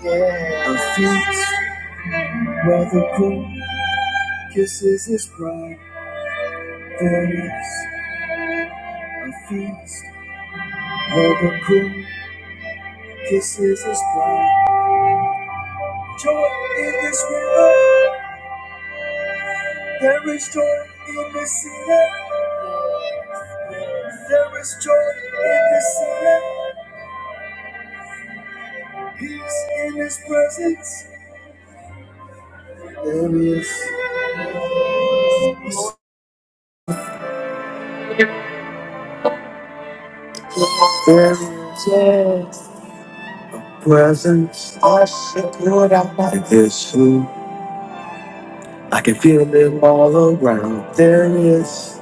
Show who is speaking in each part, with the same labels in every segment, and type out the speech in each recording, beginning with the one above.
Speaker 1: Her feet, where the groom kisses his bride. There is a feast, where the groom kisses his bride. Joy in this river, there is joy in this city. There is joy in this city, peace in his presence. There is, there is a presence. I should put out like this too. I can feel it all around. There is.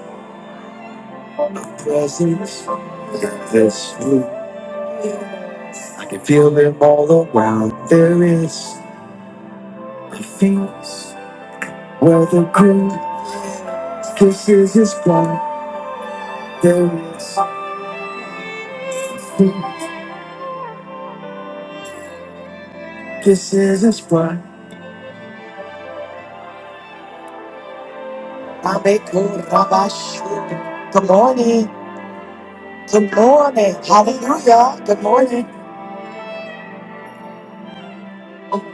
Speaker 1: presence in this room. I can feel them all around. There is a feast where the groom kisses his bride. There is a feast, kisses his bride. I make good rabash. Good morning. Good morning. Hallelujah. Good morning. Oh,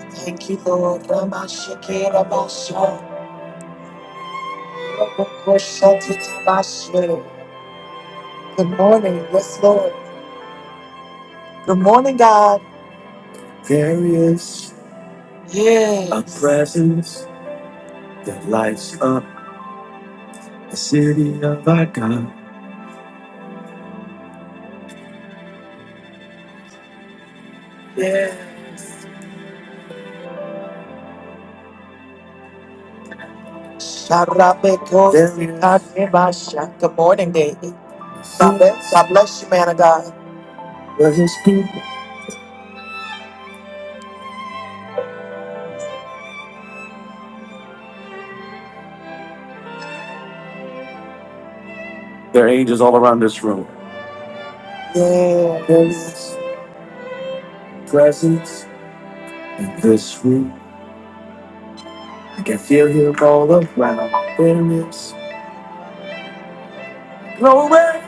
Speaker 1: Thank you, Lord. Ramashake, Ramasha, Ramakosha, Titabashe. Good morning. Yes, Lord. Good morning, God. There is yes. a Yes. presence that lights up the city of our God. There is Sharabekosikanemasha. Good morning, David. God bless, God bless you, man of God. where His people. There are angels all around this room. Yeah. Yes. presence in this room. I can feel Him all around. There is glory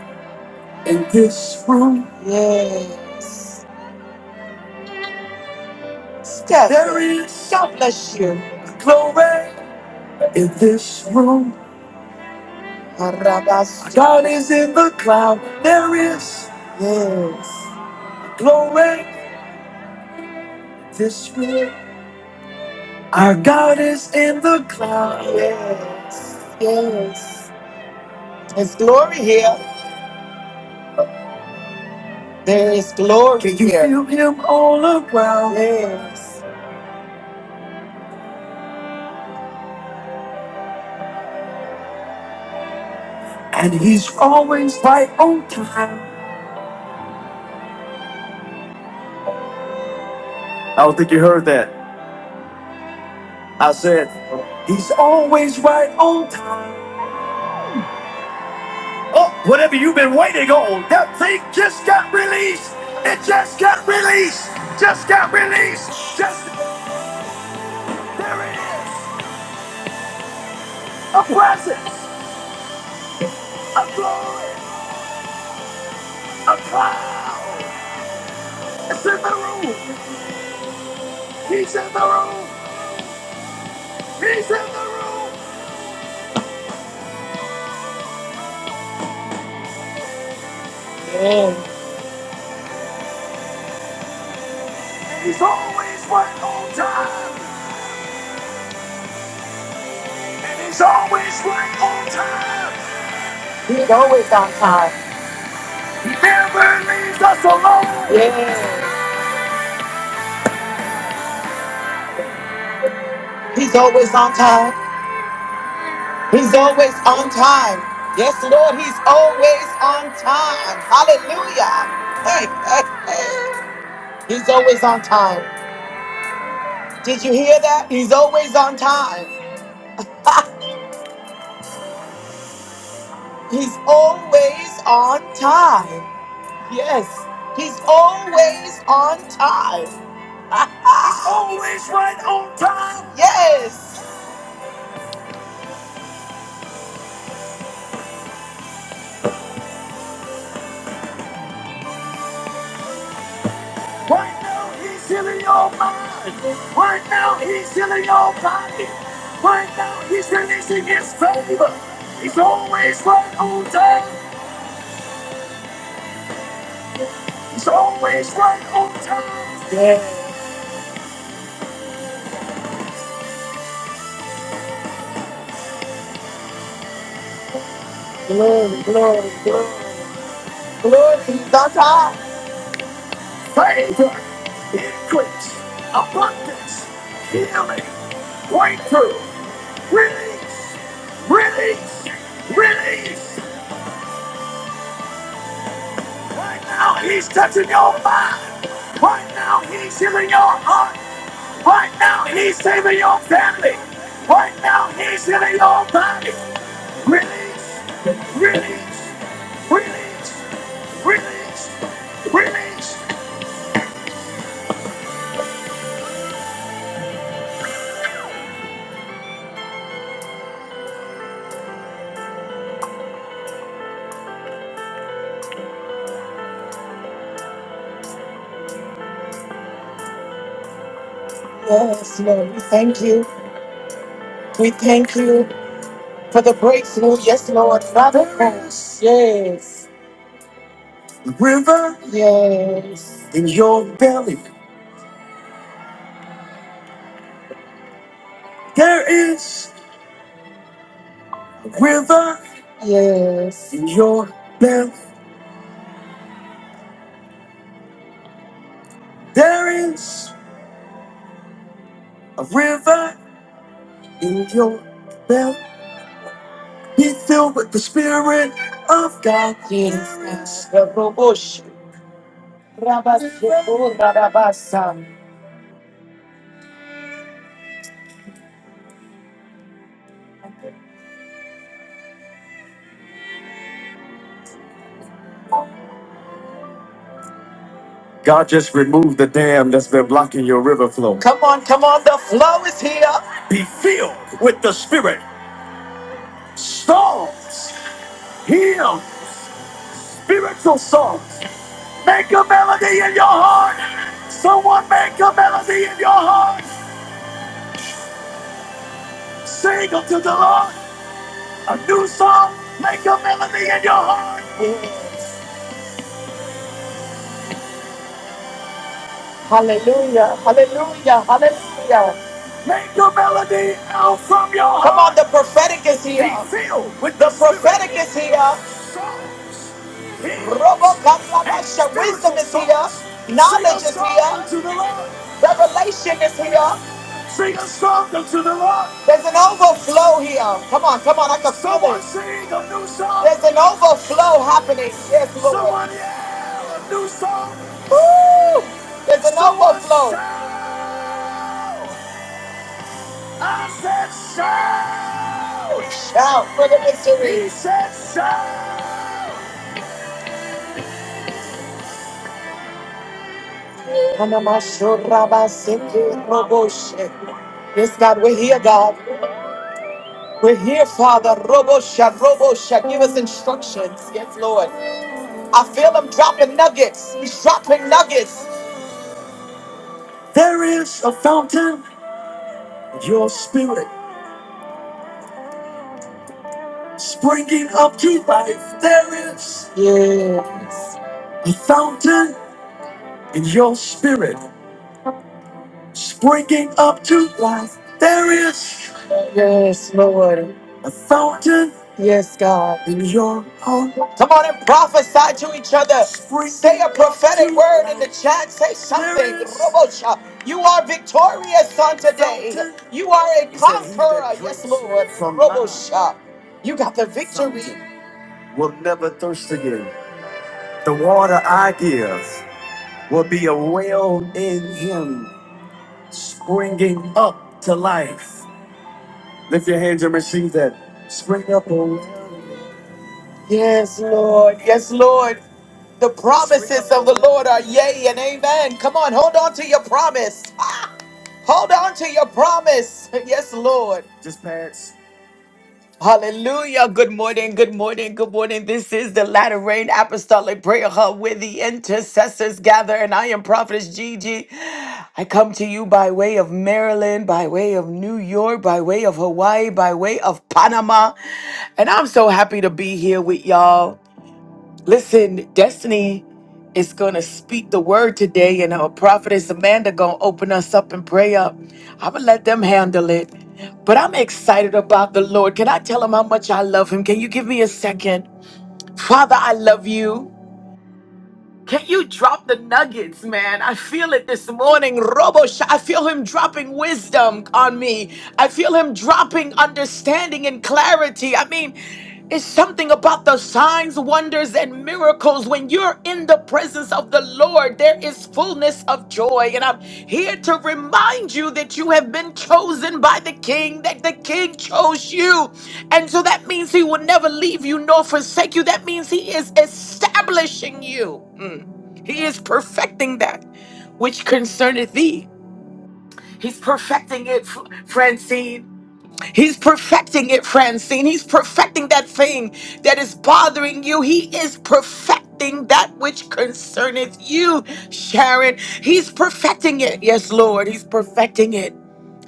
Speaker 1: in this room. Yes. Steph. There is God bless you. Glory in this room. Arabas. God is in the cloud. There is. Yes. Glory this room. Our God is in the cloud. Yes. Yes. There's glory here. There is glory Can you here. feel him all around. Yes. And he's always right on time. I don't think you heard that. I said, He's always right on time. Oh, whatever you've been waiting on, that thing just got released. It just got released. Just got released. Just there it is. A presence, a glory, a cloud. It's in the room. He's in the room. He's in the room. And he's always right on time. And he's always right on time. He's always on time. He never leaves us alone. Yes. He's always on time. He's always on time. Yes, Lord, he's always on time. Hallelujah. Hey, hey, hey. He's always on time. Did you hear that? He's always on time. He's always on time. Yes, he's always on time. He's Ah, always right on time. yes. Right now, he's healing your mind. Right now, he's healing your body. Right now, he's releasing his favor. He's always right on time. He's always right on time. Yes. Glory, glory, glory. Glory to God. Favor, increase, abundance, healing, breakthrough, release, release, release. Right now, he's touching your mind. Right now, he's healing your heart. Right now, he's saving your family. Right now, he's healing your body. Release, release, release, release, release. Yes, Lord, we thank you. We thank you for the breakthrough. Yes, Lord, Father. Yes. River. Yes. In your belly, there is. river Yes. in your mouth. There is a river in your mouth. Be filled with the Spirit of God. Yes, God. God just removed the dam that's been blocking your river flow. Come on, come on. The flow is here. Be filled with the Spirit. Storms, heal, spiritual songs. Make a melody in your heart. Someone make a melody in your heart. Sing unto the Lord a new song. Make a melody in your heart. Hallelujah. Hallelujah. Hallelujah. Make your melody out from your heart. Come on, the prophetic is here. Be filled with the, prophetic is here. Songs, hymns, Robocatabasha. and Wisdom is here. Knowledge is here. Revelation is here. Sing a song unto the Lord. There's an overflow here. Come on, come on, I can feel Someone it. Someone Sing a new song. There's an overflow happening. Yes, Lord. Someone yell a new song. Woo! There's an overflow. I said shout! Shout for the victory. He said shout! Kanamashorabaseke roboshe. Yes, God, we're here, God. We're here, Father. Robosha, Robosha. Give us instructions. Yes, Lord. I feel him dropping nuggets. He's dropping nuggets. There is a fountain. in your spirit. springing up to life. There is yes. a fountain in your spirit, springing up to life. There is yes, Lord, a fountain. Yes, God, in your heart. Come on and prophesy to each other. Springing Say a prophetic to word in the life. chat. Say something. There is Robosha. You are victorious on a today. fountain. You are a He said, "He that conqueror. Yes, drinks Lord. from my Robosha. You got the victory. fountain." will never thirst again. The water I give will be a well in him, springing up to life. Lift your hands and receive that. Spring up, O well. Yes, Lord. Yes, Lord. The promises of the Lord are yea and amen. Come on, hold on to your promise. Hold on to your promise. Yes, Lord. Just pass. Hallelujah. Good morning. Good morning. Good morning. This is the Latter Rain Apostolic Prayer Hub where the intercessors gather. And I am Prophetess Gigi. I come to you by way of Maryland, by way of New York, by way of Hawaii, by way of Panama. And I'm so happy to be here with y'all. Listen, Destiny is gonna speak the word today, and our prophetess Amanda gonna open us up and pray up. I'm gonna let them handle it. But I'm excited about the Lord. Can I tell him how much I love him? Can you give me a second? Father, I love you. Can you drop the nuggets, man? I feel it this morning. Robo, Sh- I feel him dropping wisdom on me. I feel him dropping understanding and clarity. I mean, it's something about the signs, wonders, and miracles when you're in the presence presence of the Lord, there is fullness of joy. And I'm here to remind you that you have been chosen by the King, that the King chose you. And so that means He will never leave you nor forsake you. That means He is establishing you, Mm. He is perfecting that which concerneth thee. He's perfecting it, Fr- Francine. He's perfecting it, Francine. He's perfecting that thing that is bothering you. He is perfecting that which concerneth you, Sharon. He's perfecting it. Yes, Lord. He's perfecting it.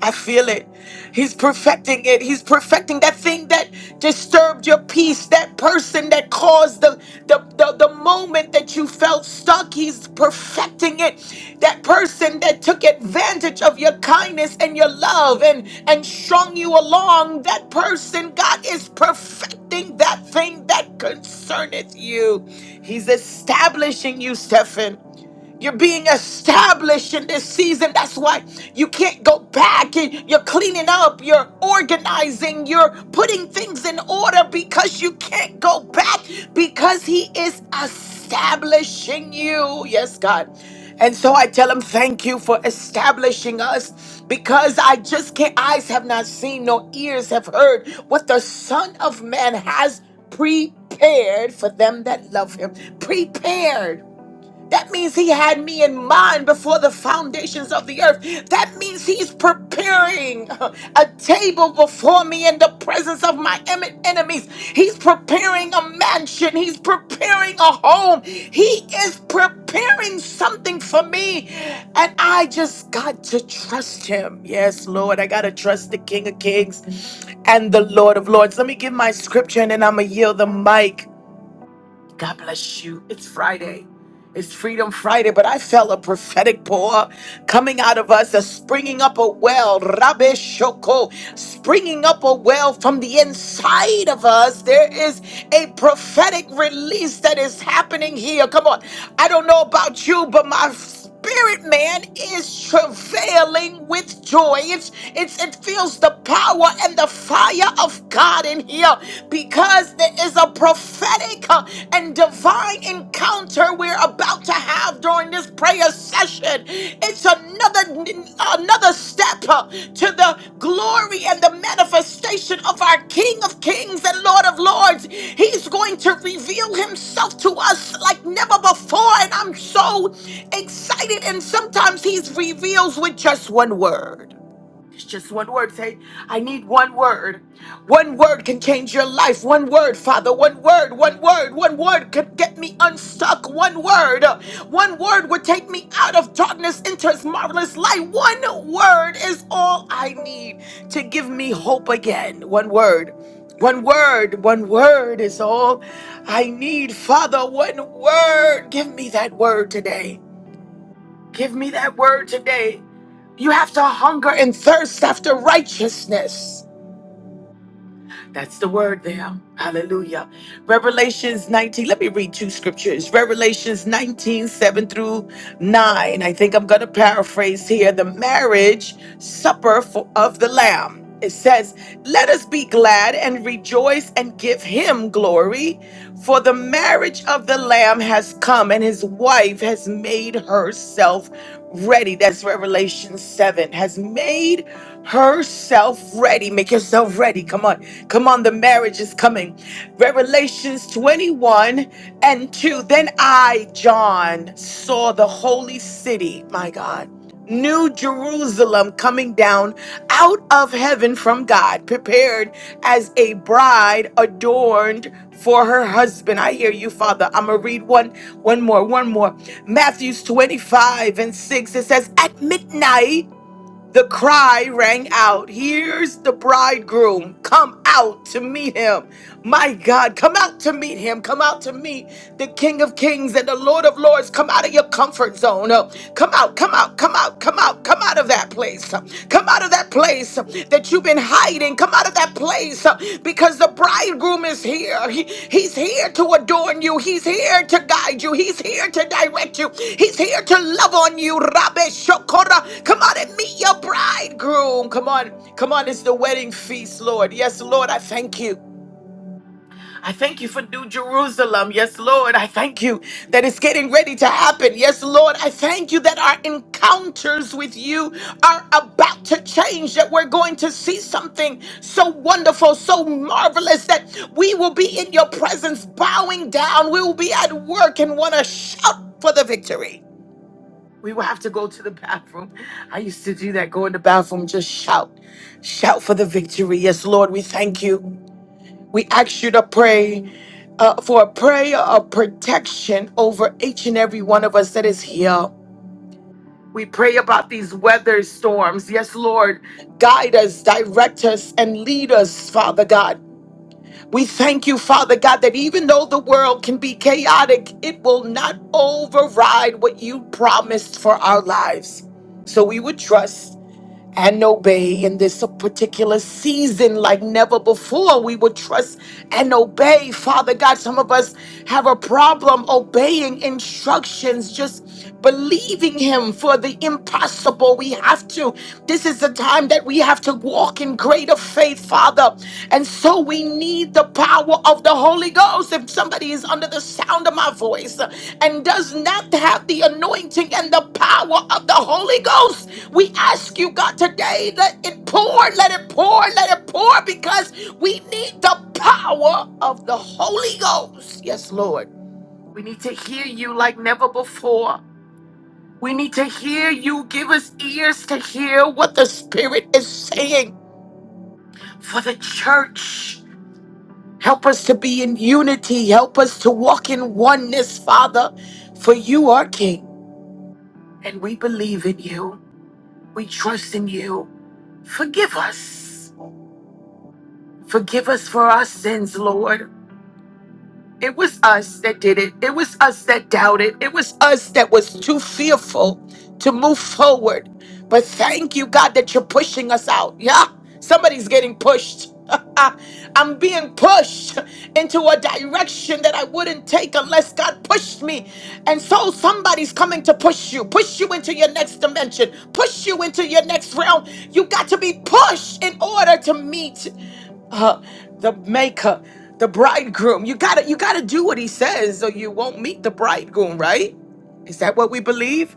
Speaker 1: I feel it. He's perfecting it. He's perfecting that thing that disturbed your peace, that person that caused the, the, the, the moment that you felt stuck. He's perfecting it. That person that took advantage of your kindness and your love and, and strung you along. That person, God is perfecting that thing that concerneth you. He's establishing you, Stephen. You're being established in this season. That's why you can't go back and you're cleaning up, you're organizing, you're putting things in order because you can't go back because He is establishing you. Yes, God. And so I tell him, thank you for establishing us because I just can't, eyes have not seen, nor ears have heard what the Son of Man has prepared for them that love him. Prepared. That means he had me in mind before the foundations of the earth. That means he's preparing a table before me in the presence of my em- enemies. He's preparing a mansion. He's preparing a home. He is preparing something for me. And I just got to trust him. Yes, Lord, I got to trust the King of Kings and the Lord of Lords. Let me give my scripture and then I'm going to yield the mic. God bless you. It's Friday. It's Freedom Friday, but I felt a prophetic pour coming out of us, a springing up a well, Rabbi Shoko, springing up a well from the inside of us. There is a prophetic release that is happening here. Come on. I don't know about you, but my spirit man is travailing with joy. It's, it's it feels the power and the fire of God in here because there is a prophetic uh, and divine encounter we're about to have during this prayer session. It's another another another step uh, to the glory and the manifestation of our King of Kings and Lord of Lords. He's going to reveal himself to us like never before and I'm so excited and sometimes he reveals with just one word. It's just one word. Say, I need one word. One word can change your life. One word, Father. One word, one word, one word could get me unstuck. One word. One word would take me out of darkness into his marvelous light. One word is all I need to give me hope again. One word. One word, one word is all I need, Father. One word. Give me that word today. Give me that word today. You have to hunger and thirst after righteousness. That's the word there. Hallelujah. Revelations 19. Let me read two scriptures. Revelations 19 7 through 9. I think I'm going to paraphrase here the marriage supper for, of the Lamb. It says, Let us be glad and rejoice and give him glory, for the marriage of the Lamb has come, and his wife has made herself ready. That's Revelation 7. Has made herself ready. Make yourself ready. Come on. Come on. The marriage is coming. Revelations 21 and 2. Then I, John, saw the holy city, my God. New Jerusalem coming down out of heaven from God, prepared as a bride adorned for her husband. I hear you, Father. I'm gonna read one, one more, one more. Matthew's 25 and 6. It says, At midnight. The cry rang out, Here's the bridegroom. Come out to meet him. My God, come out to meet him. Come out to meet the King of Kings and the Lord of Lords. Come out of your comfort zone. Uh, Come out, come out, come out, come out, come out of that place. Uh, Come out of that place that you've been hiding. Come out of that place uh, because the bridegroom is here. He- he's here to adorn you. He's here to guide you. He's here to direct you. He's here to love on you. Rabbe Shokora. Come on and meet your bridegroom. Come on. Come on. It's the wedding feast, Lord. Yes, Lord, I thank you. I thank you for New Jerusalem. Yes, Lord. I thank you that it's getting ready to happen. Yes, Lord. I thank you that our encounters with you are about to change, that we're going to see something so wonderful, so marvelous that we will be in your presence, bowing down. We will be at work and want to shout for the victory. We will have to go to the bathroom. I used to do that, go in the bathroom, just shout, shout for the victory. Yes, Lord, we thank you. We ask you to pray uh, for a prayer of protection over each and every one of us that is here. We pray about these weather storms. Yes, Lord, guide us, direct us, and lead us, Father God. We thank you, Father God, that even though the world can be chaotic, it will not override what you promised for our lives. So we would trust and obey in this particular season like never before. We would trust and obey. Father God, some of us have a problem obeying instructions, just believing Him for the impossible. We have to. This is the time that we have to walk in greater faith, Father. And so we need the power of the Holy Ghost. If somebody is under the sound of my voice and does not have the anointing and the power of the Holy Ghost, we ask you, God, today, let it pour, let it pour, let it pour, because we need the power of the Holy Ghost. Yes, Lord. We need to hear you like never before. We need to hear you. Give us ears to hear what the Spirit is saying for the church. Help us to be in unity. Help us to walk in oneness, Father, for you are King. And we believe in you. We trust in you. Forgive us. Forgive us for our sins, Lord. It was us that did it. It was us that doubted. It was us that was too fearful to move forward. But thank you, God, that you're pushing us out. Yeah, somebody's getting pushed. I'm being pushed into a direction that I wouldn't take unless God pushed me. And so somebody's coming to push you, push you into your next dimension, push you into your next realm. You got to be pushed in order to meet uh, the maker, the bridegroom. You gotta, you gotta do what he says, or you won't meet the bridegroom, right? Is that what we believe?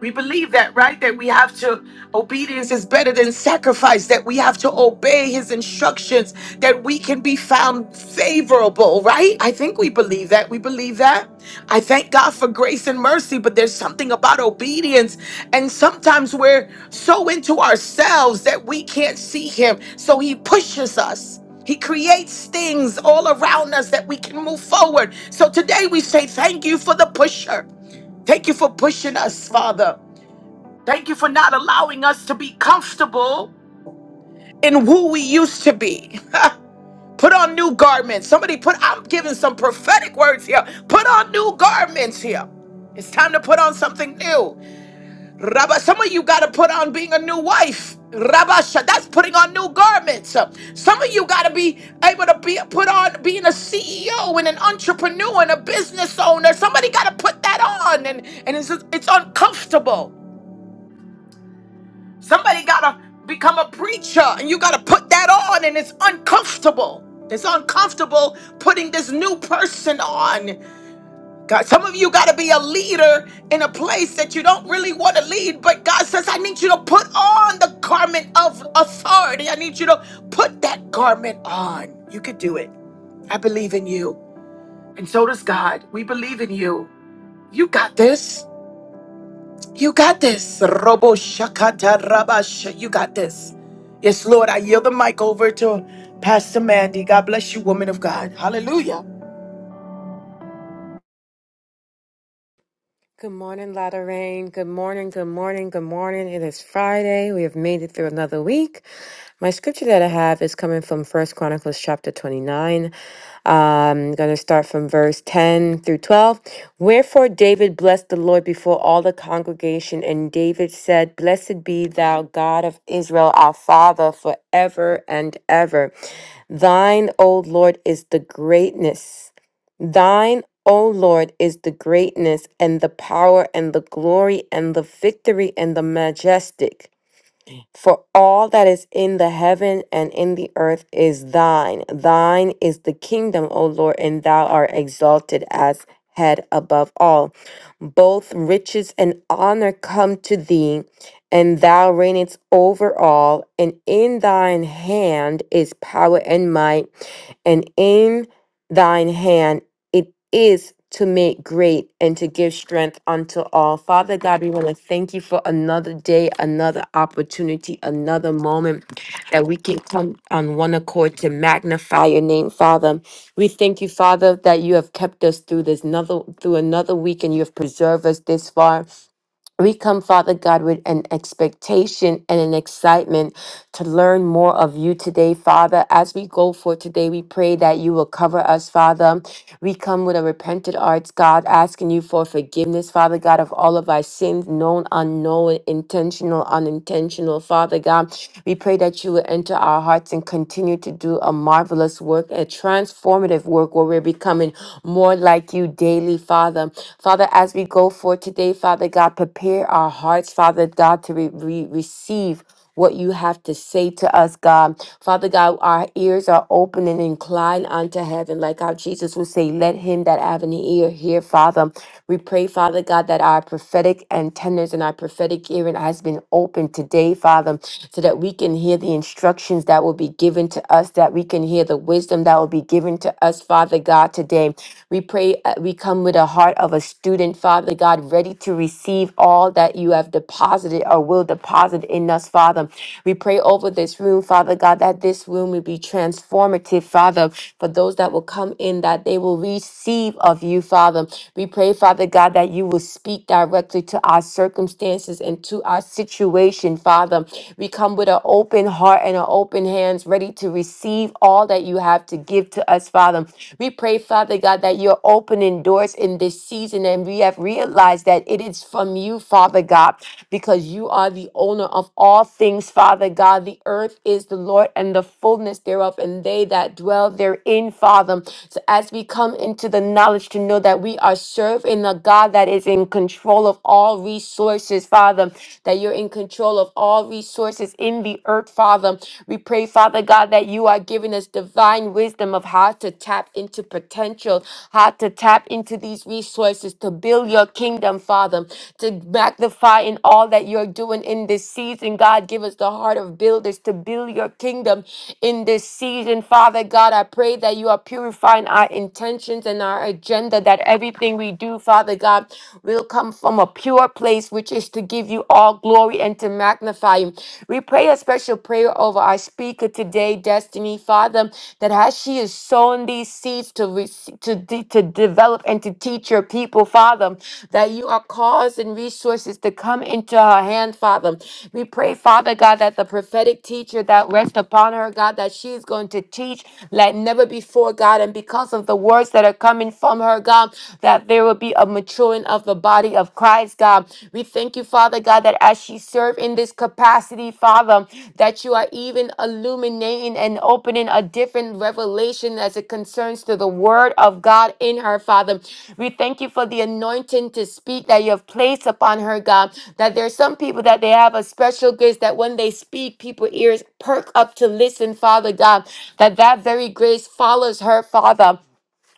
Speaker 1: We believe that, right? That we have to, obedience is better than sacrifice, that we have to obey his instructions, that we can be found favorable, right? I think we believe that. We believe that. I thank God for grace and mercy, but there's something about obedience. And sometimes we're so into ourselves that we can't see him. So he pushes us. He creates things all around us that we can move forward. So today we say, Thank you for the pusher. Thank you for pushing us, Father. Thank you for not allowing us to be comfortable in who we used to be. put on new garments. Somebody put, I'm giving some prophetic words here. Put on new garments here. It's time to put on something new. Rabba, some of you got to put on being a new wife. Rabasha, that's putting on new garments. Some of you got to be able to be put on being a CEO and an entrepreneur and a business owner. Somebody got to put that on, and, and it's, it's uncomfortable. Somebody gotta become a preacher, and you gotta put that on, and it's uncomfortable. It's uncomfortable putting this new person on. God, some of you gotta be a leader in a place that you don't really want to lead, but God says, I need you to put on the garment of authority. I need you to put that garment on. You could do it. I believe in you. And so does God. We believe in you. You got this. You got this. Robo Shakata Rabash. You got this. Yes, Lord, I yield the mic over to Pastor Mandy. God bless you, woman of God. Hallelujah.
Speaker 2: Good morning, Lotta Rain. Good morning, good morning, good morning. It is Friday. We have made it through another week. My scripture that I have is coming from First Chronicles chapter 29. Um, I'm going to start from verse 10 through 12. Wherefore David blessed the Lord before all the congregation, and David said, Blessed be thou, God of Israel, our Father, forever and ever. Thine, O Lord, is the greatness. Thine, O Lord, is the greatness and the power and the glory and the victory and the majestic. For all that is in the heaven and in the earth is thine. Thine is the kingdom, O Lord, and thou art exalted as head above all. Both riches and honor come to thee, and thou reignest over all. And in thine hand is power and might, and in thine hand it is to make great and to give strength unto all. Father God, we want to thank you for another day, another opportunity, another moment that we can come on one accord to magnify your name, Father. We thank you, Father, that you have kept us through this another through another week and you have preserved us this far. We come, Father God, with an expectation and an excitement to learn more of you today, Father. As we go for today, we pray that you will cover us, Father. We come with a repentant heart, God, asking you for forgiveness, Father God, of all of our sins, known, unknown, intentional, unintentional, Father God. We pray that you will enter our hearts and continue to do a marvelous work, a transformative work where we're becoming more like you daily, Father. Father, as we go forth today, Father God, prepare our hearts, Father God, to re- re- receive. What you have to say to us, God. Father God, our ears are open and inclined unto heaven, like how Jesus would say, Let him that have an ear hear, Father. We pray, Father God, that our prophetic antennas and our prophetic hearing has been opened today, Father, so that we can hear the instructions that will be given to us, that we can hear the wisdom that will be given to us, Father God, today. We pray, uh, we come with a heart of a student, Father God, ready to receive all that you have deposited or will deposit in us, Father. We pray over this room, Father God, that this room will be transformative, Father, for those that will come in, that they will receive of you, Father. We pray, Father God, that you will speak directly to our circumstances and to our situation, Father. We come with an open heart and an open hands, ready to receive all that you have to give to us, Father. We pray, Father God, that you're opening doors in this season, and we have realized that recognize that it is from you, Father God, because you are the owner of all things, Father God. The earth is the Lord and the fullness thereof, and they that dwell therein, Father. So as we come into the knowledge to know that we are serving a God that is in control of all resources, Father, that you're in control of all resources in the earth, Father. We pray, Father God, that you are giving us divine wisdom of how to tap tap into potential, how to tap into these resources to build your kingdom, Father, to magnify in all that you're doing in this season. God, give us the heart of builders to build your kingdom in this season. Father God, I pray that you are purifying our intentions and our agenda, that everything we do, Father God, will come from a pure place, which is to give you all glory and to magnify you. We pray especially special prayer over our speaker today, Destiny, Father, that as she is sowing these seeds to, rece- to, de- to develop and to teach your people, Father, that you are causing resources to come into her hand, Father. We pray, Father God, that the prophetic teacher that rests upon her, God, that she is going to teach like never before, God, and because of the words that are coming from her, God, that there will be a maturing of the body of Christ lives, God. We thank you, Father God, that as she served in this capacity, Father, that you are even illuminating and opening a different revelation as it concerns to the word of God in her, Father. We thank you for the anointing to speak that you have placed upon her, God. That there are some people that they have a special grace that when they speak, people ears perk up to listen, Father God. That that very grace follows her, Father.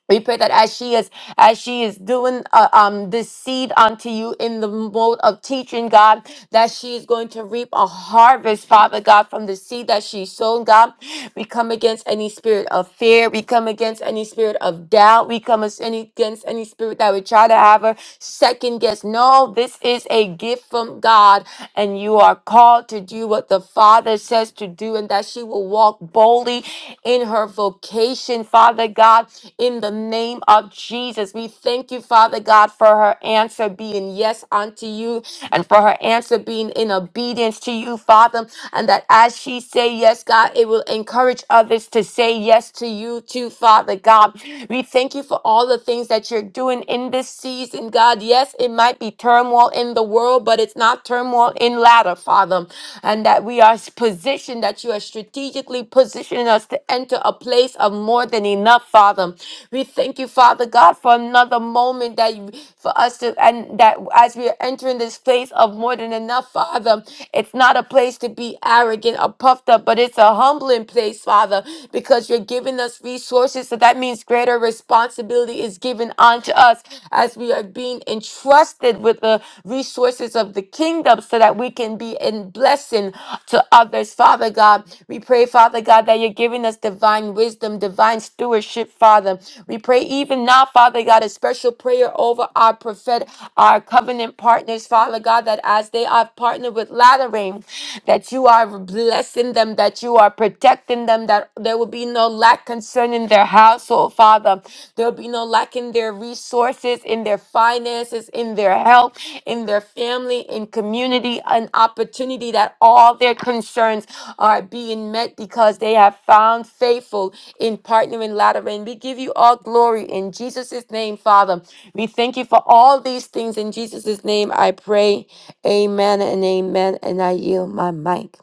Speaker 2: We pray that as she is as she is doing uh, um this seed unto you in the mode of teaching, God, that she is going to reap a harvest, Father God, from the seed that she sown, God. We come against any spirit of fear. We come against any spirit of doubt. We come as- any- against any spirit that would try to have her second guess. No, this is a gift from God, and you are called to do what the Father says to do, and that she will walk boldly in her vocation, Father God, in the name of Jesus. We thank you, Father God, for her answer being yes unto you and for her answer being in obedience to you, Father and that as she say yes, God, it will encourage others to say yes to you too, Father God. We thank you for all the things that you're doing in this season, God. Yes, it might be turmoil in the world, but it's not turmoil in ladder, Father. And that we are positioned, that you are strategically positioning us to enter a place of more than enough, Father. We thank you, Father God, for another moment that you, for us to, and that as we are entering this place of more than enough, Father, it's not a place to be arrogant or puffed up, but it's a humbling place, Father, because you're giving us resources. So that means greater responsibility is given unto us as we are being entrusted with the resources of the kingdom so that we can be in blessing to others, Father God. We pray, Father God, that you're giving us divine wisdom, divine stewardship, Father. We pray even now, Father God, a special prayer over our prophet, our covenant partners, Father God, that as they are have partnered with Lattering, that you are blessing them, that you are protecting them, that there will be no lack concerning their household, Father. There will be no lack in their resources, in their finances, in their health, in their family, in community, an opportunity that all their concerns are being met because they have found faithful in partnering Lateran. We give you all glory in Jesus' name, Father. We thank you for all these things in Jesus' name. I pray. Amen and amen. And I yield my mic.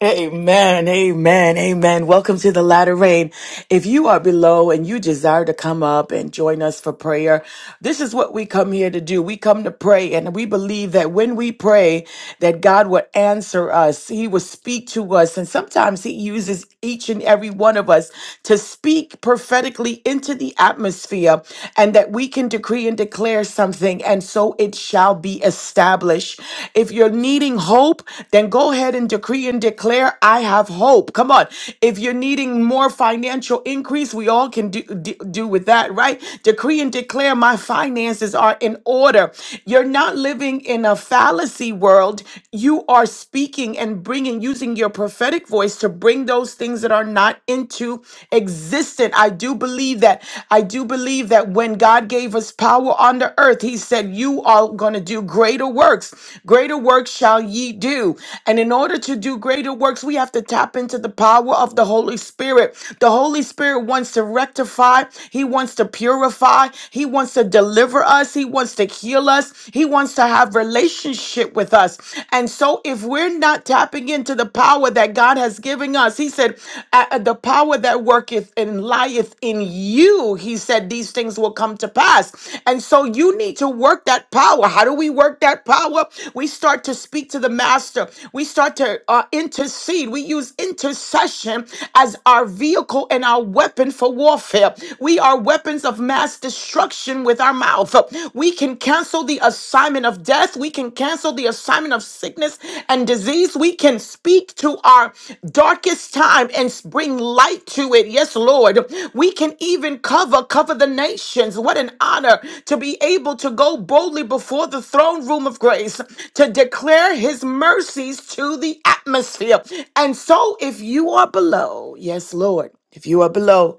Speaker 1: Amen, amen, amen. Welcome to the latter rain. If you are below and you desire to come up and join us for prayer, this is what we come here to do. We come to pray and we believe that when we pray that God would answer us. He will speak to us and sometimes he uses each and every one of us to speak prophetically into the atmosphere and that we can decree and declare something and so it it shall be established. If you're needing hope, then go ahead and decree and declare, I have hope. Come on. If you're needing more financial increase, we all can do, do, do with that, right? Decree and declare, my finances are in order. You're not living in a fallacy world. You are speaking and bringing, using your prophetic voice to bring those things that are not into existence. I do do believe that. I do believe that when God gave us power on the earth, He said, You are going to do greater works. Greater works shall ye do. And in order to do greater works, we have to tap into the power of the Holy Spirit. The Holy Spirit wants to rectify, He wants to purify, He wants to deliver us, He wants to heal us, He wants to have relationship with us. And so if we're not tapping into to the power that God has given us. He said, "Uh, The power that worketh and lieth in you, he said, these things will come to pass. And so you need to work that power. How do we work that power? We start to speak to the master, we start to uh, intercede. We use intercession as our vehicle and our weapon for warfare. We are weapons of mass destruction with our mouth. We can cancel cancel the assignment of death. We can cancel the assignment of sickness and disease. We can speak to our darkest time and bring light to it. Yes, Lord. We can even cover, cover the nations. What an honor to be able to go boldly before the throne room of grace to declare his mercies to the atmosphere. And so if you are below, yes, Lord. If you are below,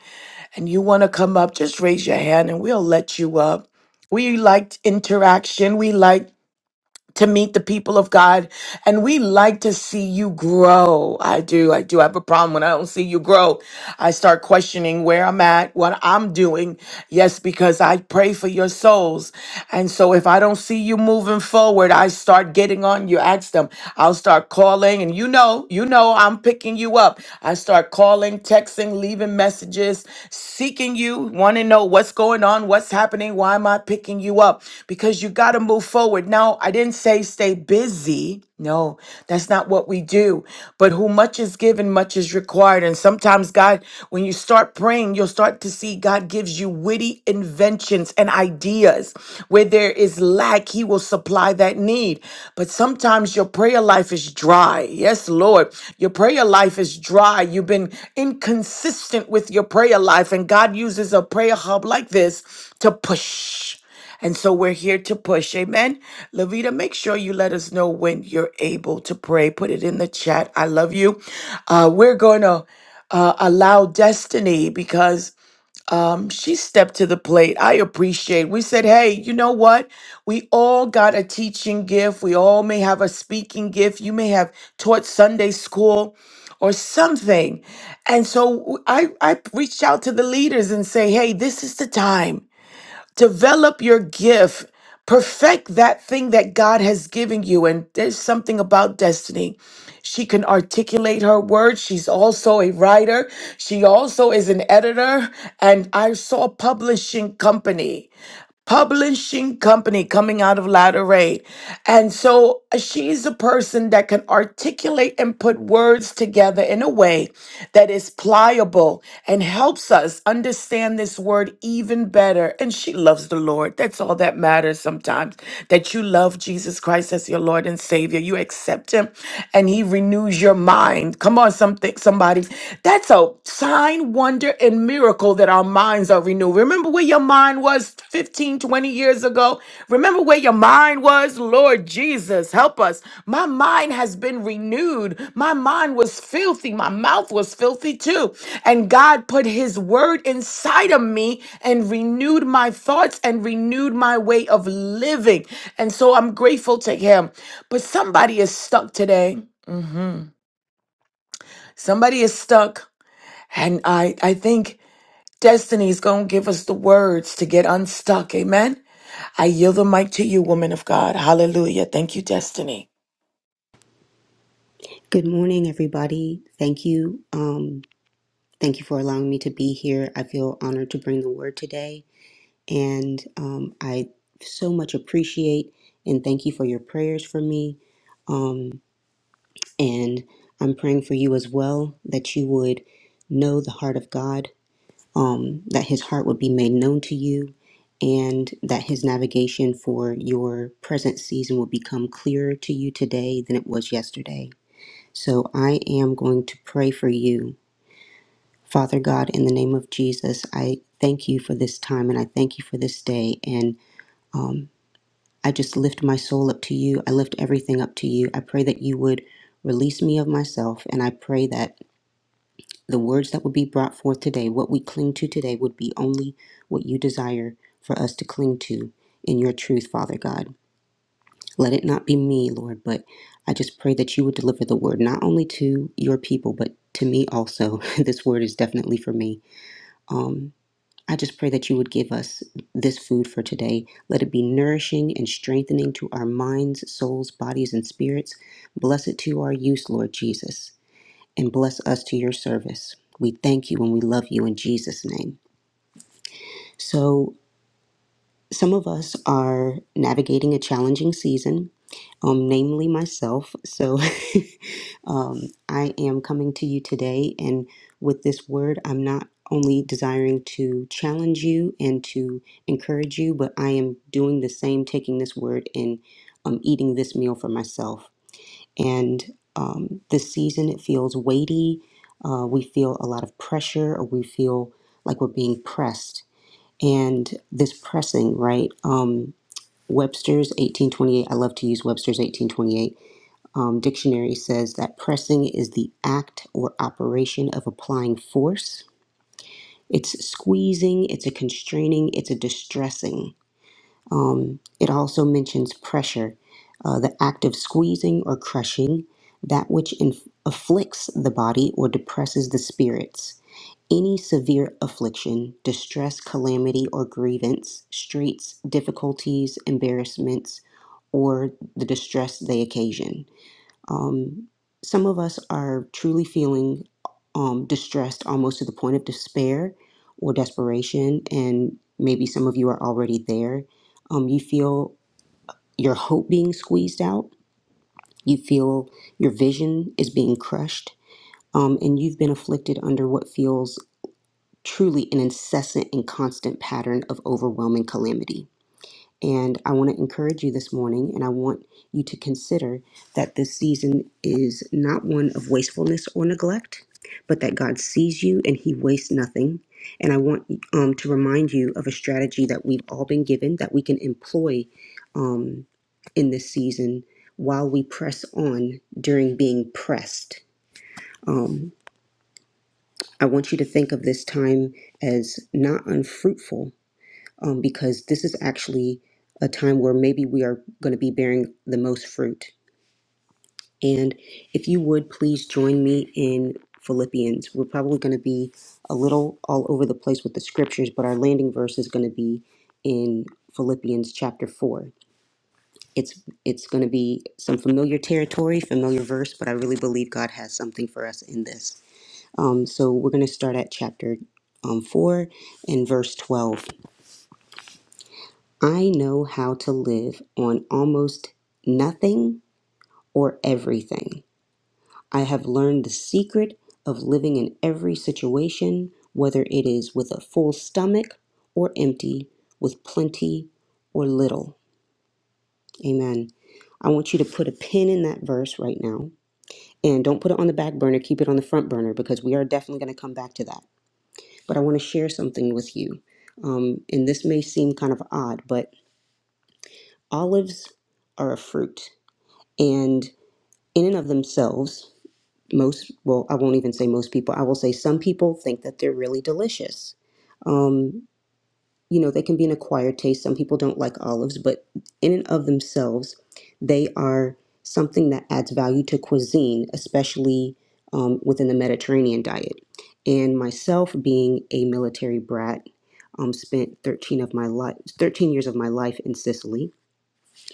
Speaker 1: and you want to come up, just raise your hand and we'll let you up. We like interaction. We like to meet the people of God and we like to see you grow. I do. I do have a problem when I don't see you grow. I start questioning where I'm at, what I'm doing. Yes, because I pray for your souls. And so if I don't see you moving forward, I start getting on you. Ask them. I'll start calling and you know, you know, I'm picking you up. I start calling, texting, leaving messages messages seeking you, want to know what's going on, what's happening, why am I picking you up? Because you got to move forward. Now, I didn't say stay busy. No, that's not what we do. But who much is given, much is required. And sometimes, God, when you start praying, you'll start to see God gives you witty inventions and ideas. Where there is lack, He will supply that need. But sometimes your prayer life is dry. Yes, Lord. Your prayer life is dry. You've been inconsistent with your prayer life, and God uses a prayer hub like this to push. And so we're here to push. Amen. Lavita, make sure you let us know when you're able to pray. Put it in the chat. I love you. Uh, we're going to uh, allow destiny because um, she stepped to the plate. I appreciate. We said, hey, you know what? We all got a teaching gift. We all may have a speaking gift. You may have taught Sunday school or something. And so I, I reached out to the leaders and say, hey, this is the time develop your gift perfect that thing that god has given you and there's something about destiny she can articulate her words she's also a writer she also is an editor and i saw a publishing company publishing company coming out of Latter-ray. And so uh, she's a person that can articulate and put words together in a way that is pliable and helps us understand this word even better. And she loves the Lord. That's all that matters sometimes, that you love Jesus Christ as your Lord and Savior. You accept him and he renews your mind. Come on, something somebody. That's a sign wonder and miracle that our minds are renewed. Remember where your mind was 15, 20 years ago? Remember where your mind was? Lord Jesus, help us. My mind has been renewed. My mind was filthy. My mouth was filthy too. And God put his word inside of me and renewed my thoughts and renewed my way of living. And so I'm grateful to him. But somebody is stuck today. Mm-hmm. Somebody is stuck. And I, I think Destiny's going to give us the words to get unstuck. Amen. I yield the mic to you, woman of God. Hallelujah. Thank you, Destiny.
Speaker 3: Good morning, everybody. Thank you. Um, thank you for allowing me to be here. I feel honored to bring the word today, and um, I so much appreciate and thank you for your prayers for me. Um, and I'm praying for you as well that you would know the heart of God, um, that His heart would be made known to you, and that His navigation for your present season will become clearer to you today than it was yesterday. So I am going to pray for you Father God, in the name of Jesus, I thank you for this time and I thank you for this day. And um, I just lift my soul up to you. I lift everything up to you. I pray that you would release me of myself. And I pray that the words that would be brought forth today, what we cling to today, would be only what you desire for us to cling to in your truth, Father God. Let it not be me, Lord, but I just pray that you would deliver the word not only to your people, but to me also. this word is definitely for me. Um, I just pray that you would give us this food for today. Let it be nourishing and strengthening to our minds, souls, bodies, and spirits. Bless it to our use, Lord Jesus, and bless us to your service. We thank you and we love you in Jesus' name. So, some of us are navigating a challenging season, um, namely myself. So, Um, I am coming to you today, and with this word, I'm not only desiring to challenge you and to encourage you, but I am doing the same, taking this word and um, eating this meal for myself. And um, this season, it feels weighty. Uh, we feel a lot of pressure, or we feel like we're being pressed. And this pressing, right? Um, Webster's 1828, I love to use Webster's 1828 um, dictionary says that pressing is the act or operation of applying force. It's squeezing, it's a constraining, it's a distressing. Um, it also mentions pressure, uh, the act of squeezing or crushing, that which inf- afflicts the body or depresses the spirits. Any severe affliction, distress, calamity, or grievance, straits, difficulties, embarrassments, or the distress they occasion. Um, some of us are truly feeling um, distressed almost to the point of despair or desperation, and maybe some of you are already there. Um, you feel your hope being squeezed out, you feel your vision is being crushed, um, and you've been afflicted under what feels truly an incessant and constant pattern of overwhelming calamity. And I want to encourage you this morning, and I want you to consider that this season is not one of wastefulness or neglect, but that God sees you and He wastes nothing. And I want um, to remind you of a strategy that we've all been given that we can employ um, in this season while we press on during being pressed. Um, I want you to think of this time as not unfruitful, um, because this is actually a time where maybe we are going to be bearing the most fruit. And if you would please join me in Philippians, we're probably going to be a little all over the place with the scriptures, but our landing verse is going to be in Philippians chapter 4. It's it's going to be some familiar territory, familiar verse, but I really believe God has something for us in this. Um, so we're going to start at chapter um, 4 and verse 12. I know how to live on almost nothing or everything. I have learned the secret of living in every situation, whether it is with a full stomach or empty, with plenty or little. Amen. I want you to put a pin in that verse right now. And don't put it on the back burner, keep it on the front burner because we are definitely going to come back to that. But I want to share something with you. Um, and this may seem kind of odd, but olives are a fruit. And in and of themselves, most, well, I won't even say most people, I will say some people think that they're really delicious. Um, you know, they can be an acquired taste. Some people don't like olives, but in and of themselves, they are something that adds value to cuisine, especially um, within the Mediterranean diet. And myself being a military brat, um, spent 13 of my life, 13 years of my life in Sicily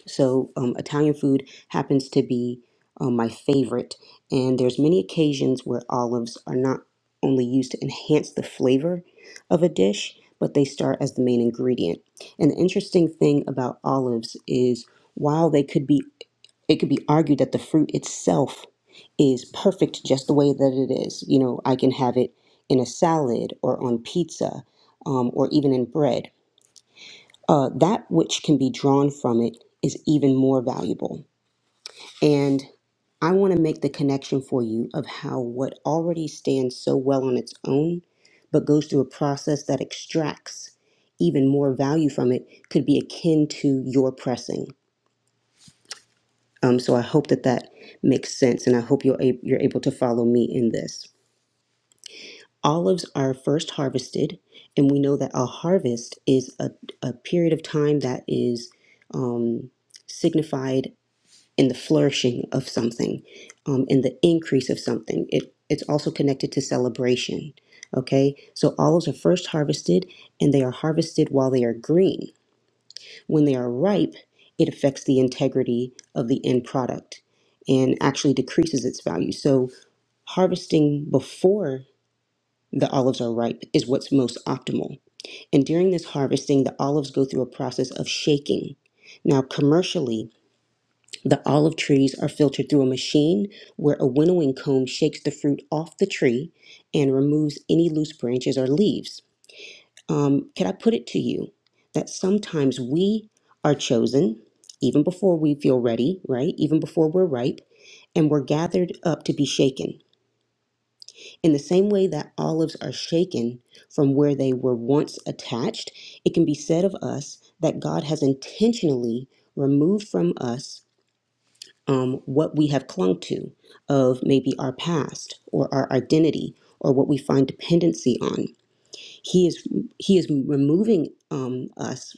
Speaker 3: so um, Italian food happens to be um, my favorite, and there's many occasions where olives are not only used to enhance the flavor of a dish, but they start as the main ingredient. And the interesting thing about olives is while they could be, it could be argued that the fruit itself is perfect just the way that it is. You know, I can have it in a salad or on pizza um, or even in bread uh, that which can be drawn from it is even more valuable. And I want to make the connection for you of how what already stands so well on its own, but goes through a process that extracts even more value from it, could be akin to your pressing. Um, so I hope that that makes sense, and I hope you're, a- you're able to follow me in this. Olives are first harvested, and we know that a harvest is a, a period of time that is um, signified in the flourishing of something, um, in the increase of something. It it's also connected to celebration. Okay, so olives are first harvested, and they are harvested while they are green. When they are ripe, it affects the integrity of the end product, and actually decreases its value. So harvesting before the olives are ripe is what's most optimal. And during this harvesting, the olives go through a process of shaking. Now, commercially, the olive trees are filtered through a machine where a winnowing comb shakes the fruit off the tree and removes any loose branches or leaves. Um, can I put it to you that sometimes we are chosen even before we feel ready, right? Even before we're ripe, and we're gathered up to be shaken. In the same way that olives are shaken from where they were once attached, it can be said of us that God has intentionally removed from us um, what we have clung to of maybe our past or our identity or what we find dependency on. He is he is removing um, us.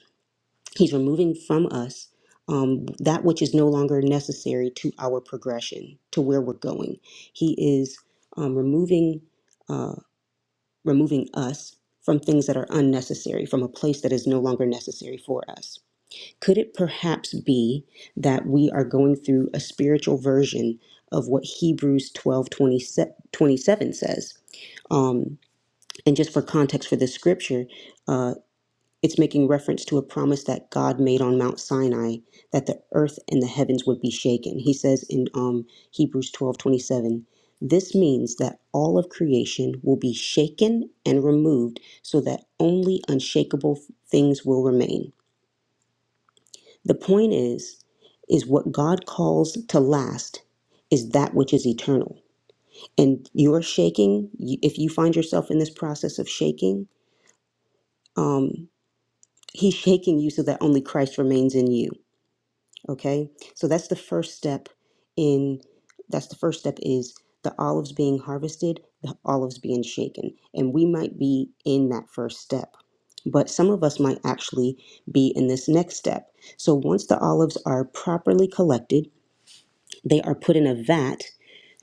Speaker 3: He's removing from us um, that which is no longer necessary to our progression to where we're going. He is um, removing uh, removing us from things that are unnecessary from a place that is no longer necessary for us could it perhaps be that we are going through a spiritual version of what Hebrews 12 27 says? Um, and just for context for this scripture, uh, it's making reference to a promise that God made on Mount Sinai that the earth and the heavens would be shaken. He says in um, Hebrews 12 27, this means that all of creation will be shaken and removed so that only unshakable things will remain. The point is, is what God calls to last is that which is eternal. And you're shaking, you- if you find yourself in this process of shaking, um, He's shaking you so that only Christ remains in you. Okay, so that's the first step. In that's the first step is the olives being harvested, the olives being shaken, and we might be in that first step. But some of us might actually be in this next step. So once the olives are properly collected They are put in a vat,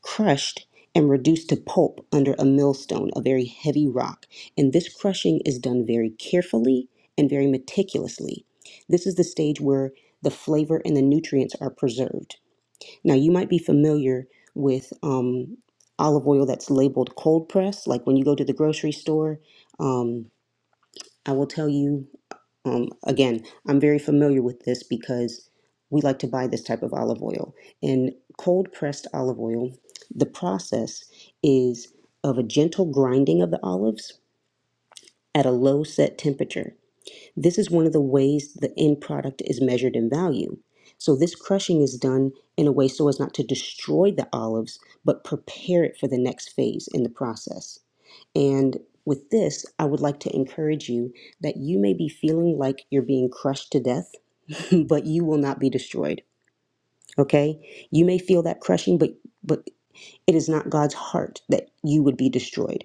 Speaker 3: crushed, and reduced to pulp under a millstone, a very heavy rock. And this crushing is done very carefully and very meticulously. This is the stage where the flavor and the nutrients are preserved. Now, you might be familiar with um, olive oil that's labeled cold press. Like when you go to the grocery store, um, I will tell you um, again, I'm very familiar with this because we like to buy this type of olive oil. And cold pressed olive oil, the process is of a gentle grinding of the olives at a low set temperature. This is one of the ways the end product is measured in value. So, this crushing is done in a way so as not to destroy the olives, but prepare it for the next phase in the process. And with this, I would like to encourage you that you may be feeling like you're being crushed to death, but you will not be destroyed. Okay? You may feel that crushing, but but it is not God's heart that you would be destroyed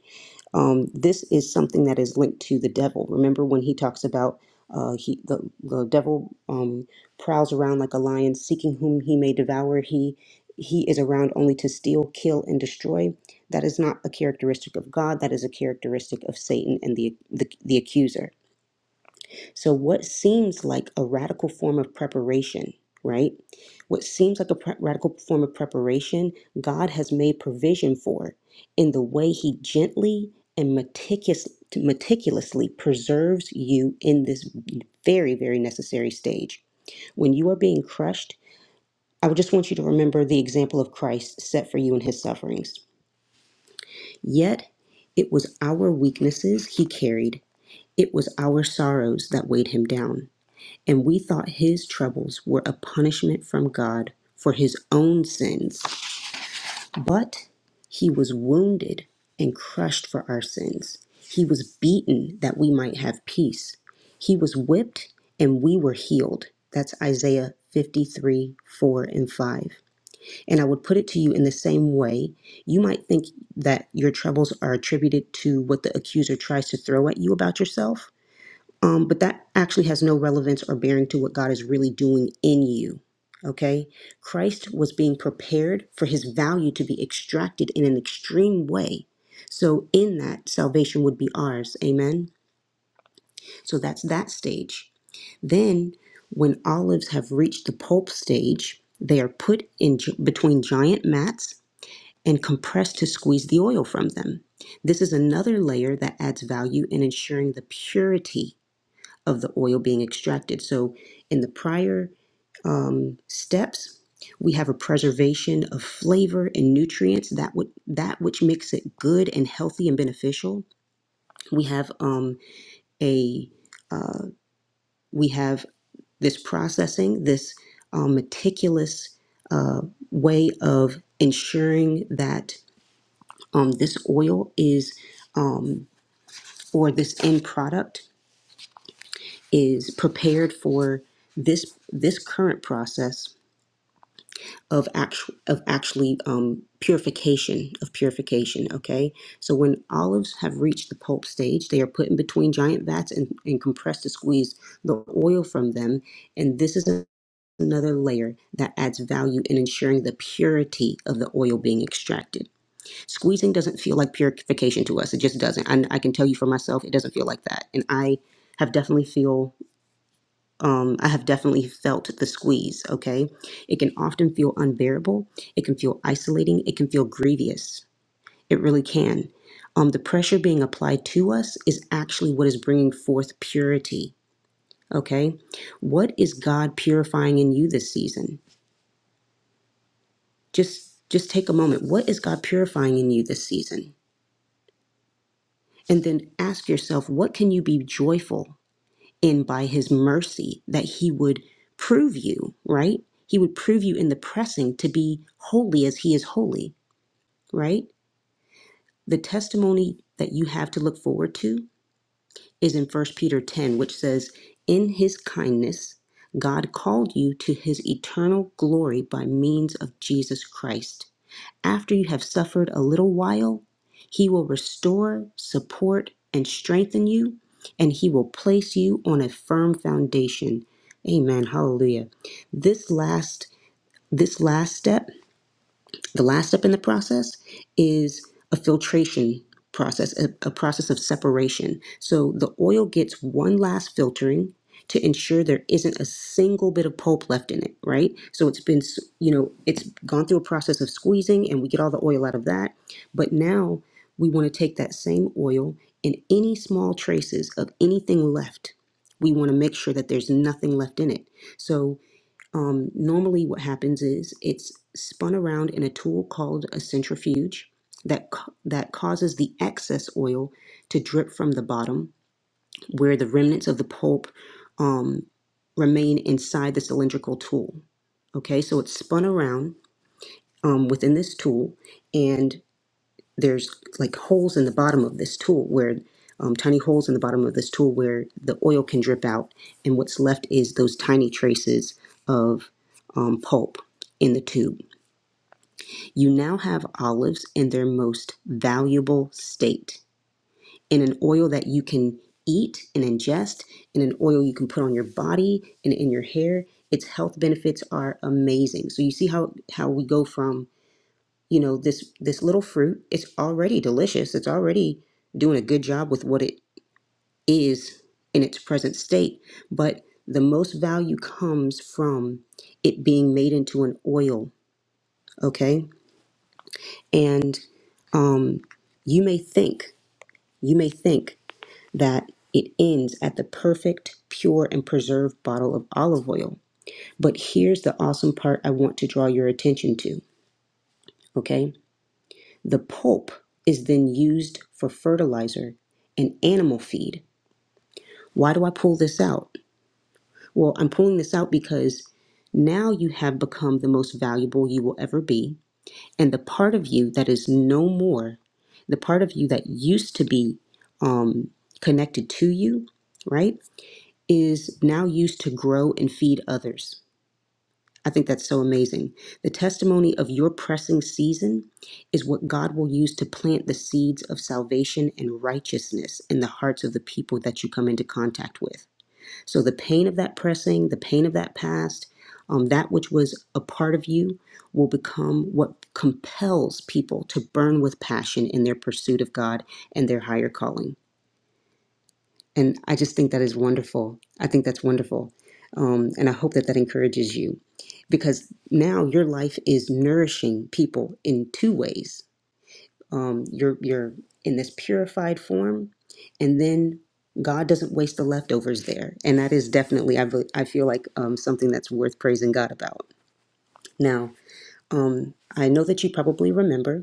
Speaker 3: um, this is something that is linked to the devil. Remember when he talks about uh, he the, the devil um, prowls around like a lion, seeking whom he may devour. He he is around only to steal, kill, and destroy. That is not a characteristic of God. That is a characteristic of Satan and the the, the accuser so, what seems like a radical form of preparation, right? What seems like a pre- radical form of preparation, God has made provision for in the way He gently and meticulous, meticulously preserves you in this very, very necessary stage. When you are being crushed, I would just want you to remember the example of Christ set for you in His sufferings. Yet, it was our weaknesses He carried, it was our sorrows that weighed Him down. And we thought his troubles were a punishment from God for his own sins. But he was wounded and crushed for our sins. He was beaten that we might have peace. He was whipped and we were healed. That's Isaiah 53 4 and 5. And I would put it to you in the same way. You might think that your troubles are attributed to what the accuser tries to throw at you about yourself. Um, but that actually has no relevance or bearing to what God is really doing in you. Okay? Christ was being prepared for his value to be extracted in an extreme way. So, in that, salvation would be ours. Amen? So, that's that stage. Then, when olives have reached the pulp stage, they are put in gi- between giant mats and compressed to squeeze the oil from them. This is another layer that adds value in ensuring the purity of the oil being extracted. So, in the prior um, steps, we have a preservation of flavor and nutrients that would that which makes it good and healthy and beneficial. We have um, a uh, we have this processing, this um, meticulous uh, way of ensuring that um, this oil is um, or this end product is prepared for this this current process of actual of actually um, purification of purification. Okay, so when olives have reached the pulp stage, they are put in between giant vats and, and compressed to squeeze the oil from them. And this is another layer that adds value in ensuring the purity of the oil being extracted. Squeezing doesn't feel like purification to us; it just doesn't. And I can tell you for myself, it doesn't feel like that. And I have definitely feel um, I have definitely felt the squeeze, okay? It can often feel unbearable. It can feel isolating. It can feel grievous. It really can. Um, the pressure being applied to us is actually what is bringing forth purity, okay? What is God purifying in you this season? Just just take a moment. What is God purifying in you this season? And then ask yourself, what can you be joyful and by his mercy that he would prove you, right? He would prove you in the pressing to be holy as he is holy, right? The testimony that you have to look forward to is in First Peter 10, which says, In his kindness, God called you to his eternal glory by means of Jesus Christ. After you have suffered a little while, he will restore, support, and strengthen you, and he will place you on a firm foundation. Amen. Hallelujah. This last this last step the last step in the process is a filtration process, a, a process of separation. So the oil gets one last filtering to ensure there isn't a single bit of pulp left in it, right? So it's been, s- you know, it's gone through a process of squeezing and we get all the oil out of that. But now we want to take that same oil and any small traces of anything left. We want to make sure that there's nothing left in it. So um, normally, what happens is it's spun around in a tool called a centrifuge that ca- that causes the excess oil to drip from the bottom, where the remnants of the pulp um, remain inside the cylindrical tool. Okay, so it's spun around um, within this tool, and there's like holes in the bottom of this tool where um, tiny holes in the bottom of this tool where the oil can drip out and what's left is those tiny traces of um, pulp in the tube you now have olives in their most valuable state in an oil that you can eat and ingest in an oil you can put on your body and in your hair its health benefits are amazing so you see how how we go from you know this this little fruit it's already delicious it's already doing a good job with what it is in its present state but the most value comes from it being made into an oil okay and um you may think you may think that it ends at the perfect pure and preserved bottle of olive oil but here's the awesome part i want to draw your attention to okay The pulp is then used for fertilizer and animal feed. Why do I pull this out? Well, I'm pulling this out because now you have become the most valuable you will ever be. And the part of you that is no more, the part of you that used to be um, connected to you, right, is now used to grow and feed others. I think that's so amazing. The testimony of your pressing season is what God will use to plant the seeds of salvation and righteousness in the hearts of the people that you come into contact with. So, the pain of that pressing, the pain of that past, um, that which was a part of you will become what compels people to burn with passion in their pursuit of God and their higher calling. And I just think that is wonderful. I think that's wonderful. Um, and I hope that that encourages you because now your life is nourishing people in two ways. Um, you're, you're in this purified form, and then God doesn't waste the leftovers there. And that is definitely, I, be- I feel like, um, something that's worth praising God about. Now, um, I know that you probably remember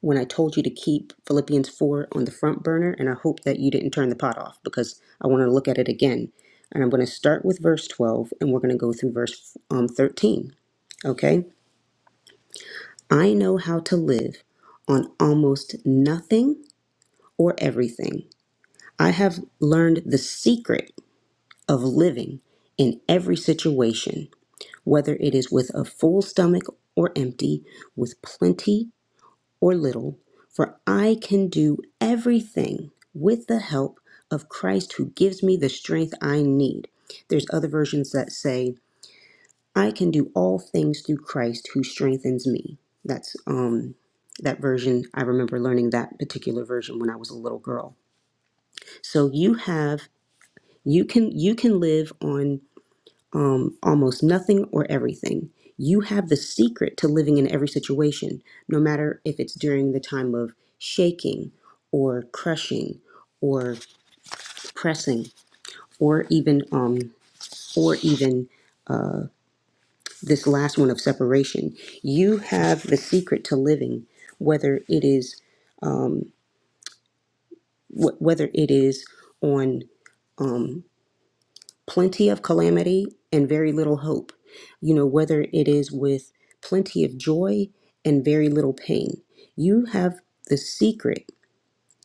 Speaker 3: when I told you to keep Philippians 4 on the front burner, and I hope that you didn't turn the pot off because I want to look at it again. And I'm going to start with verse 12 and we're going to go through verse um, 13. Okay? I know how to live on almost nothing or everything. I have learned the secret of living in every situation, whether it is with a full stomach or empty, with plenty or little, for I can do everything with the help of Christ who gives me the strength I need. There's other versions that say, I can do all things through Christ who strengthens me. That's um that version. I remember learning that particular version when I was a little girl. So you have you can you can live on um, almost nothing or everything. You have the secret to living in every situation, no matter if it's during the time of shaking or crushing or pressing or even um, or even this last one of separation. You have the secret to living, whether it is wh- whether it is on um, plenty of calamity and very little hope. You know, whether it is with plenty of joy and very little pain. You have the secret.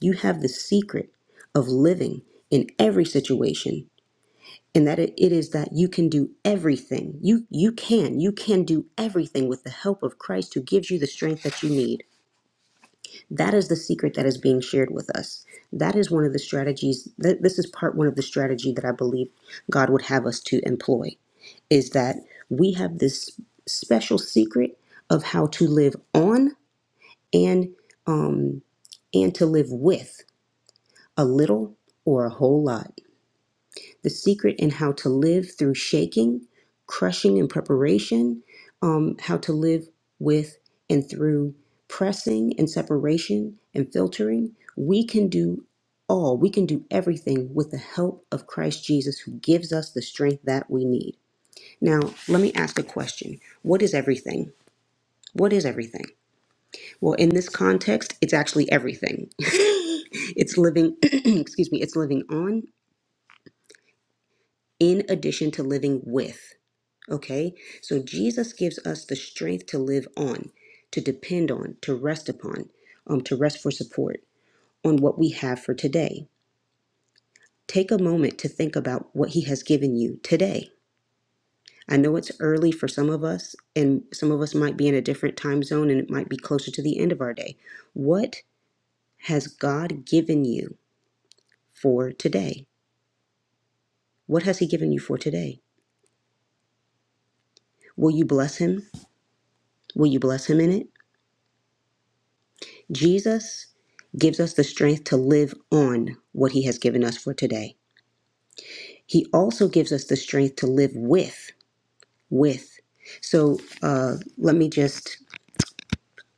Speaker 3: You have the secret of living in every situation. And that it it is that you can do everything. You you can. You can do everything with the help of Christ who gives you the strength that you need. That is the secret that is being shared with us. That is one of the strategies that this is part one of the strategy that I believe God would have us to employ is that we have this special secret of how to live on and um, and to live with a little or a whole lot. The secret in how to live through shaking, crushing, and preparation. Um, how to live with and through pressing and separation and filtering. We can do all. We can do everything with the help of Christ Jesus, who gives us the strength that we need. Now, let me ask a question. What is everything? What is everything? Well, in this context, it's actually everything. it's living, excuse me, it's living on in addition to living with. Okay? So Jesus gives us the strength to live on, to depend on, to rest upon, um, to rest for support on what we have for today. Take a moment to think about what he has given you today. I know it's early for some of us, and some of us might be in a different time zone and it might be closer to the end of our day. What has God given you for today? What has He given you for today? Will you bless Him? Will you bless Him in it? Jesus gives us the strength to live on what He has given us for today. He also gives us the strength to live with, with. So uh, let me just,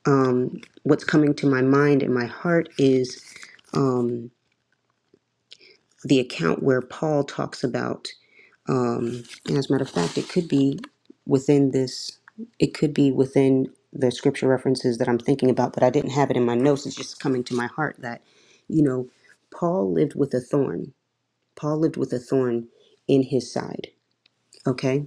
Speaker 3: um, what's coming to my mind and my heart is. um, the account where Paul talks about, um, and as a matter of fact, it could be within this, it could be within the scripture references that I'm thinking about, but I didn't have it in my notes. It's just coming to my heart that, you know, Paul lived with a thorn. Paul lived with a thorn in his side. Okay.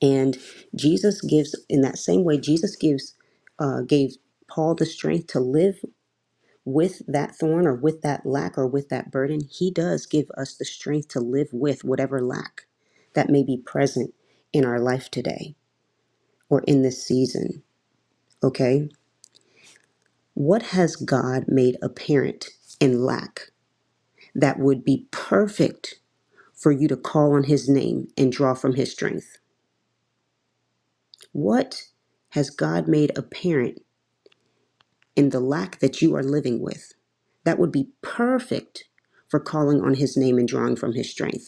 Speaker 3: And Jesus gives, in that same way, Jesus gives, uh, gave Paul the strength to live with that thorn or with that lack or with that burden, He does give us the strength to live with whatever lack that may be present in our life today or in this season. Okay? What has God made apparent in lack that would be perfect for you to call on His name and draw from His strength? What has God made apparent in the lack that you are living with that would be perfect for calling on His name and drawing from His strength?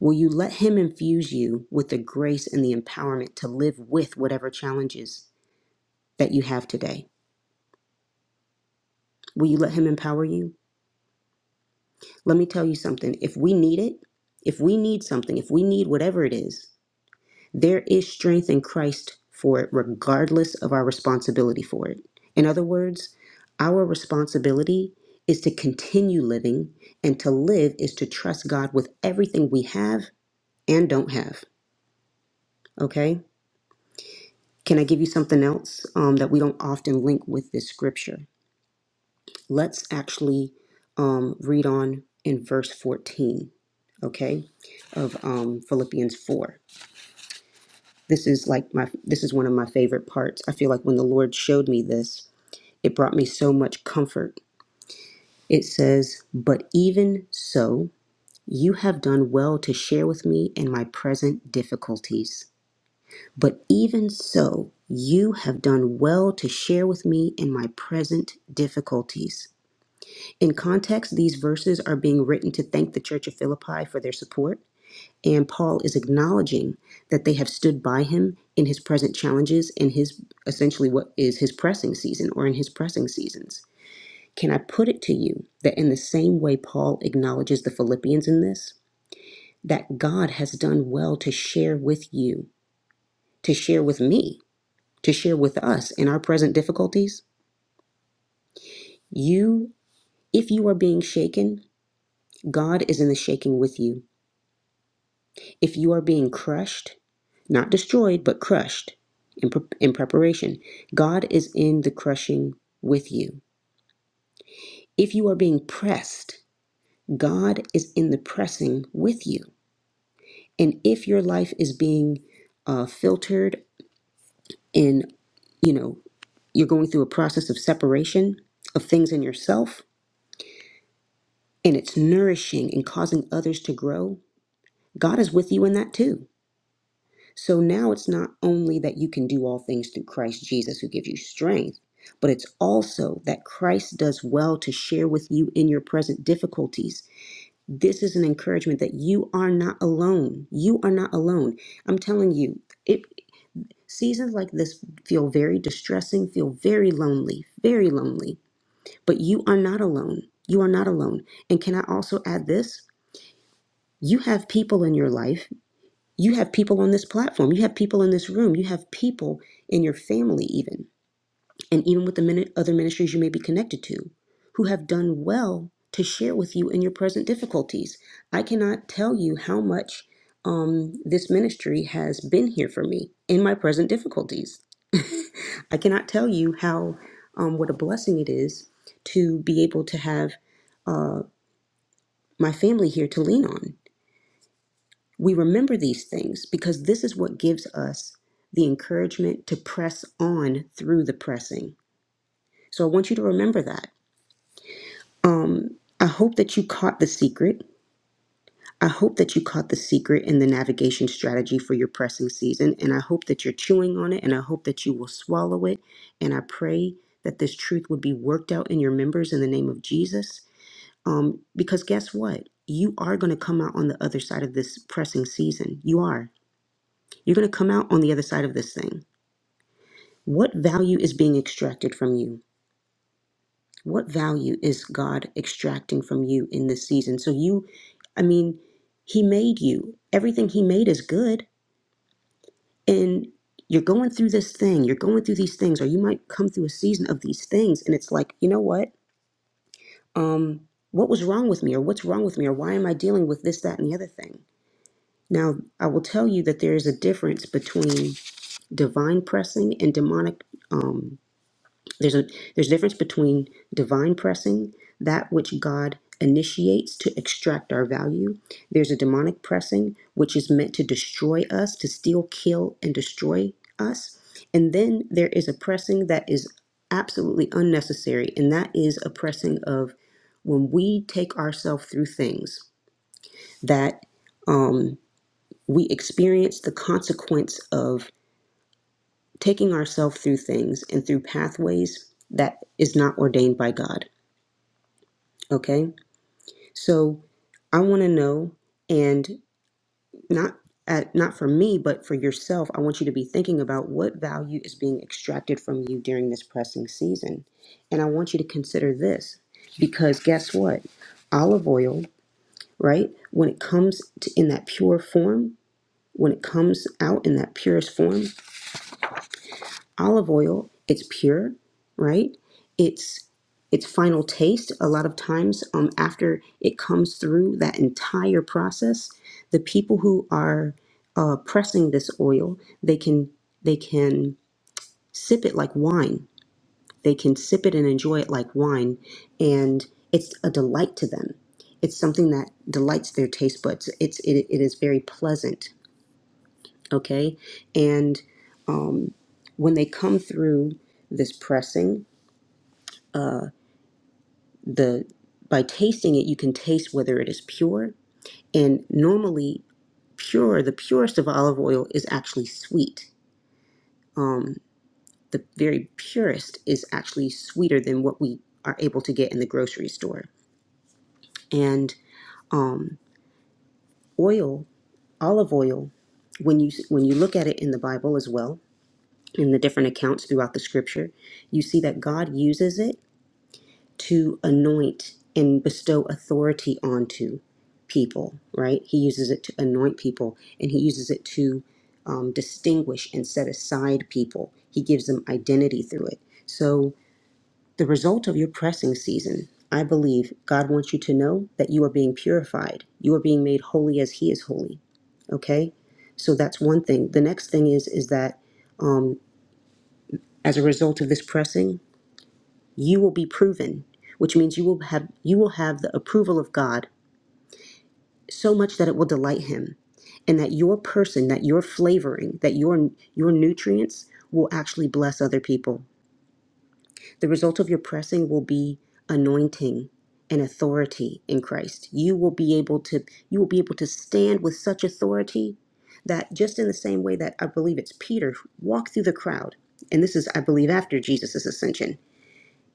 Speaker 3: Will you let Him infuse you with the grace and the empowerment to live with whatever challenges that you have today? Will you let Him empower you? Let me tell you something. If we need it, if we need something, if we need whatever it is, there is strength in Christ for it, regardless of our responsibility for it. In other words, our responsibility is to continue living, and to live is to trust God with everything we have and don't have. Okay? Can I give you something else um, that we don't often link with this scripture? Let's actually um, read on in verse 14, okay, of um, Philippians 4. This is like my, this is one of my favorite parts. I feel like when the Lord showed me this, it brought me so much comfort. It says, But even so, you have done well to share with me in my present difficulties. But even so, you have done well to share with me in my present difficulties. In context, these verses are being written to thank the Church of Philippi for their support, and Paul is acknowledging that they have stood by him in his present challenges, in his essentially what is his pressing season or in his pressing seasons. Can I put it to you that in the same way Paul acknowledges the Philippians in this, that God has done well to share with you, to share with me to share with us in our present difficulties. You, if you are being shaken, God is in the shaking with you. If you are being crushed, not destroyed, but crushed in, pre- in preparation, God is in the crushing with you. If you are being pressed, God is in the pressing with you. And if your life is being uh, filtered in, you know, you're going through a process of separation of things in yourself, and it's nourishing and causing others to grow, God is with you in that too. So now it's not only that you can do all things through Christ Jesus who gives you strength, but it's also that Christ does well to share with you in your present difficulties. This is an encouragement that you are not alone. You are not alone. I'm telling you, it seasons like this feel very distressing, feel very lonely, very lonely, but you are not alone. You are not alone. And can I also add this? You have people in your life. You have people on this platform. You have people in this room. You have people in your family, even, and even with the mini- other ministries you may be connected to, who have done well to share with you in your present difficulties. I cannot tell you how much um, this ministry has been here for me in my present difficulties. I cannot tell you how um, what a blessing it is to be able to have uh, my family here to lean on We remember these things because this is what gives us the encouragement to press on through the pressing. So I want you to remember that. Um, I hope that you caught the secret. I hope that you caught the secret in the navigation strategy for your pressing season. And I hope that you're chewing on it and I hope that you will swallow it. And I pray that this truth would be worked out in your members in the name of Jesus. Um, because guess what? You are going to come out on the other side of this pressing season. You are. You're going to come out on the other side of this thing. What value is being extracted from you? What value is God extracting from you in this season? So you, I mean, He made you. Everything He made is good. And you're going through this thing, you're going through these things, or you might come through a season of these things. And it's like, you know what? Um, what was wrong with me? Or what's wrong with me? Or why am I dealing with this, that, and the other thing? Now, I will tell you that there is a difference between divine pressing and demonic. Um, There's a there's a difference between divine pressing, that which God initiates to extract our value. There's a demonic pressing, which is meant to destroy us, to steal, kill, and destroy us. And then there is a pressing that is absolutely unnecessary, and that is a pressing of when we take ourselves through things that um, we experience the consequence of taking ourselves through things and through pathways that is not ordained by God. Okay, so I want to know, and not at, not for me, but for yourself. I want you to be thinking about what value is being extracted from you during this pressing season, and I want you to consider this because guess what, olive oil, right? When it comes to, in that pure form, when it comes out in that purest form, olive oil it's pure right it's it's final taste a lot of times um, after it comes through that entire process the people who are uh, pressing this oil they can they can sip it like wine they can sip it and enjoy it like wine and it's a delight to them it's something that delights their taste buds it's it, it is very pleasant okay and when they come through this pressing the by tasting it you can taste whether it is pure and normally pure the purest of olive oil is actually sweet um the very purest is actually sweeter than what we are able to get in the grocery store and um oil olive oil when you when you look at it in the bible as well in the different accounts throughout the scripture you see that god uses it to anoint and bestow authority onto people, right? He uses it to anoint people and he uses it to um, distinguish and set aside people. He gives them identity through it. So, the result of your pressing season, I believe God wants you to know that you are being purified. You are being made holy as He is holy, okay? So that's one thing. The next thing is is that um, as a result of this pressing, you will be proven, which means you will have you will have the approval of God so much that it will delight him and that your person, that your flavoring, that your your nutrients will actually bless other people. The result of your pressing will be anointing and authority in Christ. You will be able to you will be able to stand with such authority that just in the same way that I believe it's Peter who walked through the crowd, and this is I believe after Jesus' ascension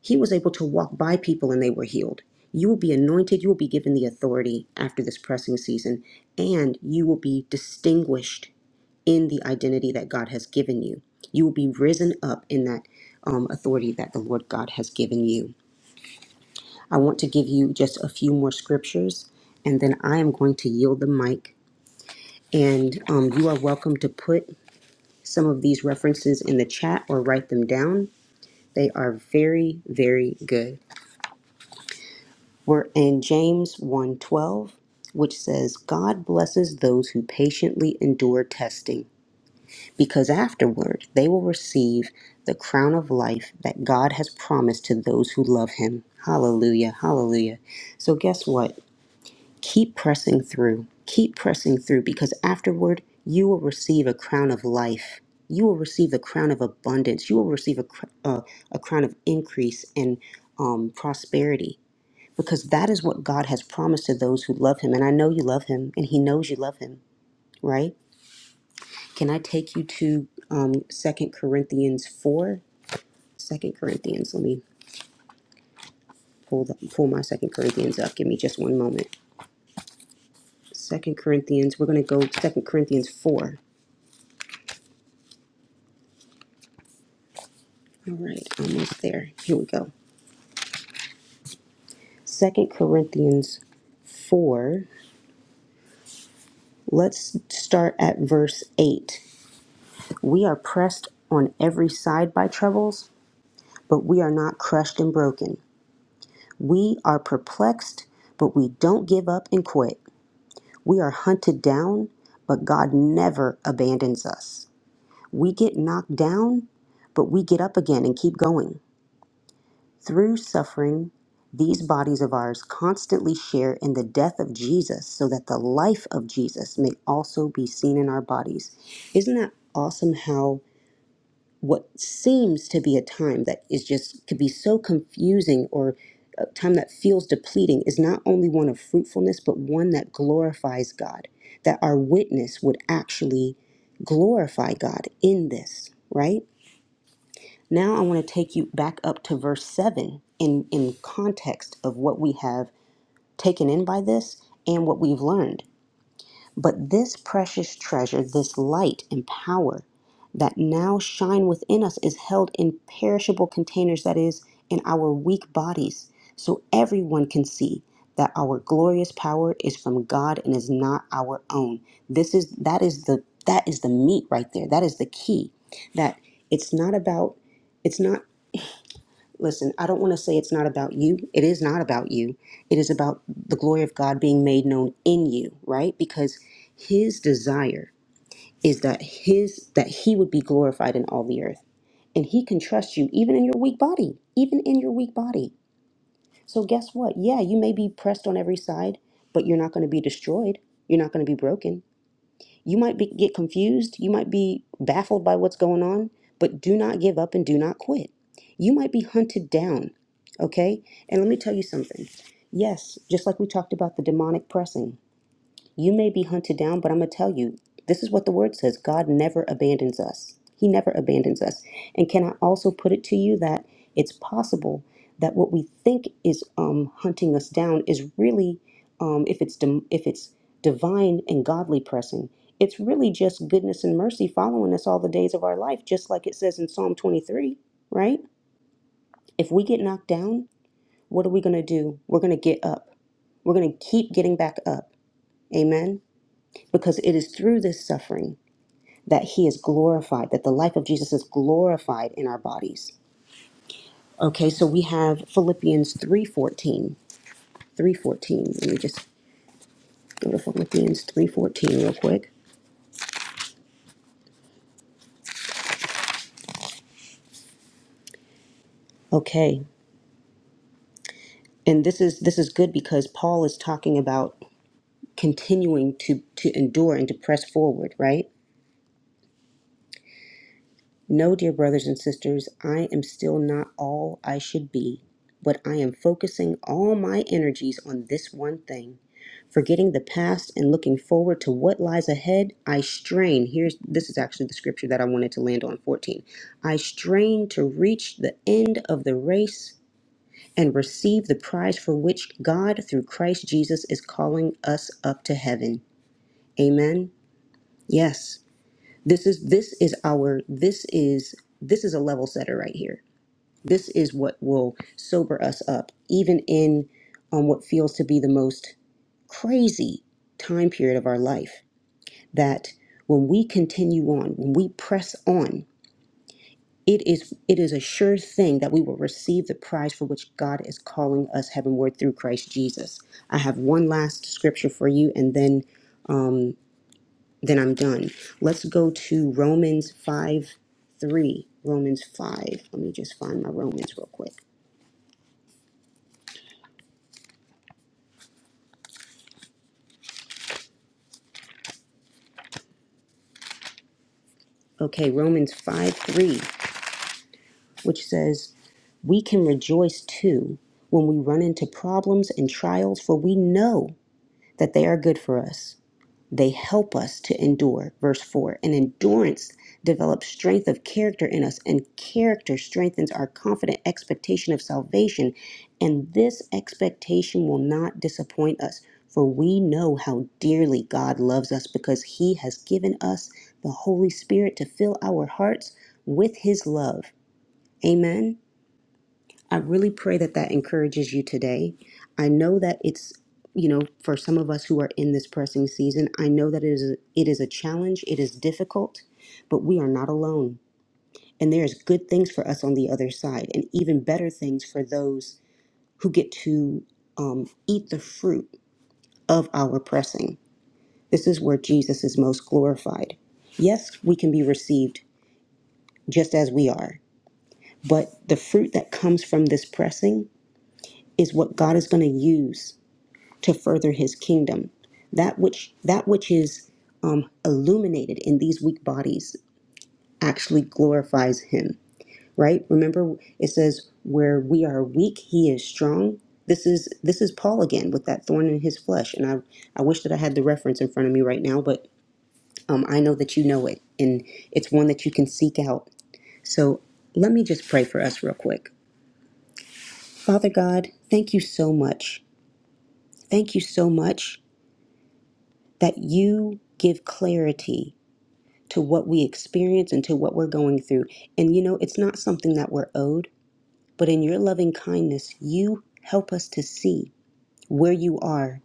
Speaker 3: he was able to walk by people and they were healed. You will be anointed, you will be given the authority after this pressing season, and you will be distinguished in the identity that God has given you. You will be risen up in that um, authority that the Lord God has given you. I want to give you just a few more scriptures, and then I am going to yield the mic. And um, you are welcome to put some of these references in the chat or write them down. They are very, very good. We're in James one twelve, which says, "God blesses those who patiently endure testing, because afterward they will receive the crown of life that God has promised to those who love him." Hallelujah. Hallelujah. So guess what? Keep pressing through. Keep pressing through because afterward you will receive a crown of life. You will receive the crown of abundance. You will receive a, cr- uh, a crown of increase and um, prosperity because that is what God has promised to those who love Him. And I know you love Him, and He knows you love Him, right? Can I take you to um, 2 Corinthians 4? Second Corinthians, let me pull, the, pull my Second Corinthians up. Give me just one moment. Second Corinthians, we're going to go Second Corinthians 4. All right, almost there. Here we go. Second Corinthians 4, let's start at verse 8. We are pressed on every side by troubles, but we are not crushed and broken. We are perplexed, but we don't give up and quit. We are hunted down, but God never abandons us. We get knocked down, but we get up again and keep going. Through suffering, these bodies of ours constantly share in the death of Jesus so that the life of Jesus may also be seen in our bodies. Isn't that awesome how? what seems to be a time that is just could be so confusing or a time that feels depleting is not only one of fruitfulness but one that glorifies God that our witness would actually glorify God in this right now I want to take you back up to verse 7 in in context of what we have taken in by this and what we've learned but this precious treasure, this light and power that now shine within us, is held in perishable containers, that is, in our weak bodies, so everyone can see that our glorious power is from God and is not our own. This is that is the that is the meat right there. That is the key. That it's not about it's not Listen, I don't want to say it's not about you. It is not about you. It is about the glory of God being made known in you, right? Because his desire is that his that he would be glorified in all the earth. And he can trust you even in your weak body, even in your weak body. So guess what? Yeah, you may be pressed on every side, but you're not going to be destroyed. You're not going to be broken you might be, get confused, you might be baffled by what's going on, but do not give up and do not quit. You might be hunted down, okay? And let me tell you something. Yes, just like we talked about the demonic pressing, you may be hunted down, but I'm going to tell you this is what the word says God never abandons us. He never abandons us. And can I also put it to you that it's possible that what we think is um, hunting us down is really, um, if, it's dim- if it's divine and godly pressing, it's really just goodness and mercy following us all the days of our life, just like it says in Psalm 23, right? If we get knocked down, what are we going to do? We're going to get up. We're going to keep getting back up. Amen because it is through this suffering that he is glorified, that the life of Jesus is glorified in our bodies. Okay, so we have Philippians 3:14. 3:14. Let me just go to Philippians 3:14 real quick. Okay. And this is this is good because Paul is talking about continuing to to endure and to press forward, right? No, dear brothers and sisters, I am still not all I should be, but I am focusing all my energies on this one thing Forgetting the past and looking forward to what lies ahead, I strain. Here's this is actually the scripture that I wanted to land on 14. I strain to reach the end of the race and receive the prize for which God through Christ Jesus is calling us up to heaven. Amen. Yes. This is this is our this is this is a level setter right here. This is what will sober us up even in on what feels to be the most crazy time period of our life. that when we continue on, when we press on, it is it is a sure thing that we will receive the prize for which God is calling us heavenward through Christ Jesus. I have one last scripture for you and then then I'm done. Let's go to Romans 5 3. Romans 5. Let me just find my Romans real quick. Okay, Romans 5 3, which says, We can rejoice too when we run into problems and trials, for we know that they are good for us They help us to endure. Verse 4 And endurance develops strength of character in us, and character strengthens our confident expectation of salvation. And this expectation will not disappoint us, for we know how dearly God loves us because He has given us the Holy Spirit to fill our hearts with His love. Amen. I really pray that that encourages you today. I know that it's, you know, for some of us who are in this pressing season, I know that it is a, it is a challenge, it is difficult, but we are not alone. And there's good things for us on the other side, and even better things for those who get to um, eat the fruit of our pressing. This is where Jesus is most glorified. Yes, we can be received just as we are, but the fruit that comes from this pressing is what God is going to use to further his kingdom. That which that which is um, illuminated in these weak bodies actually glorifies him, right? Remember it says where we are weak, he is strong. This is this is Paul again with that thorn in his flesh. And I, I wish that I had the reference in front of me right now, but um, I know that you know it and it's one that you can seek out. So let me just pray for us real quick. Father God, thank you so much. Thank you so much that you give clarity to what we experience and to what we're going through. And you know, it's not something that we're owed, but in your loving kindness, you help us to see where you are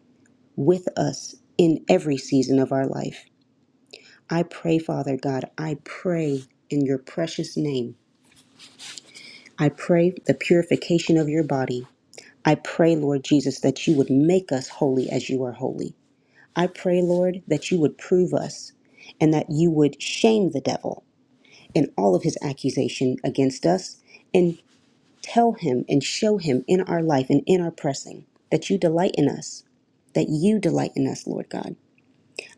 Speaker 3: with us in every season of our life. I pray, Father God, I pray in your precious name. I pray the purification of your body. I pray, Lord Jesus, that you would make us holy as you are holy. I pray, Lord, that you would prove us and that you would shame the devil in all of his accusation against us and tell him and show him in our life and in our pressing that you delight in us, that you delight in us, Lord God.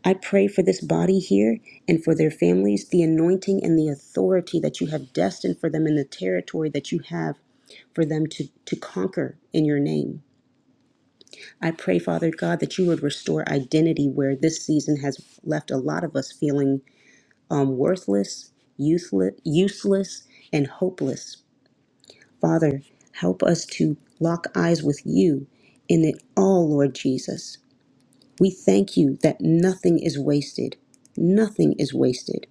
Speaker 3: I pray for this body here and for their families, the anointing and the authority that you have destined for them in the territory that you have for them to, to conquer in your name. I pray, Father God, that you would restore identity where this season has left a lot of us feeling um, worthless, useless, useless, and hopeless. Father, help us to lock eyes with you in it all, Lord Jesus. We thank you that nothing is wasted. Nothing is wasted.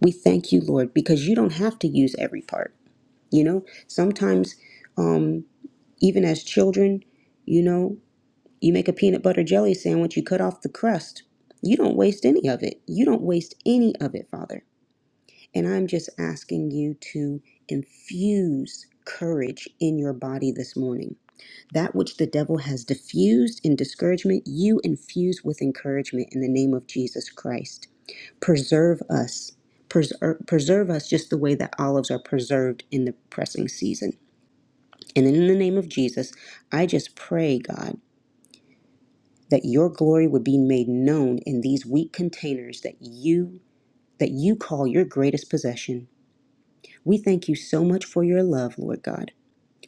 Speaker 3: We thank you, Lord, because you don't have to use every part. You know, sometimes, um, even as children, you know, you make a peanut butter jelly sandwich, you cut off the crust. You don't waste any of it. You don't waste any of it, Father. And I'm just asking you to infuse courage in your body this morning That which the devil has diffused in discouragement, you infuse with encouragement in the name of Jesus Christ. Preserve us. Preserve, preserve us just the way that olives are preserved in the pressing season. And in the name of Jesus, I just pray, God, that your glory would be made known in these weak containers that you that you call your greatest possession. We thank you so much for your love, Lord God.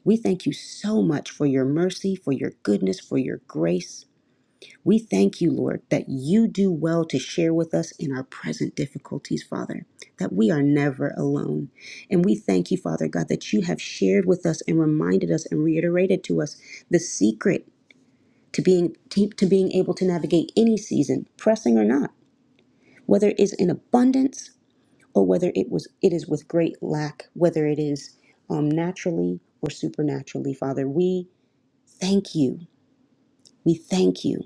Speaker 3: We thank you so much for your mercy, for your goodness, for your grace. We thank you, Lord, that you do well to share with us in our present difficulties, Father, that we are never alone. And we thank you, Father God, that you have shared with us and reminded us and reiterated to us the secret to being to, to being able to navigate any season, pressing or not, whether it is in abundance or whether it was it is with great lack, whether it is um, naturally or supernaturally, Father. We thank you. We thank you.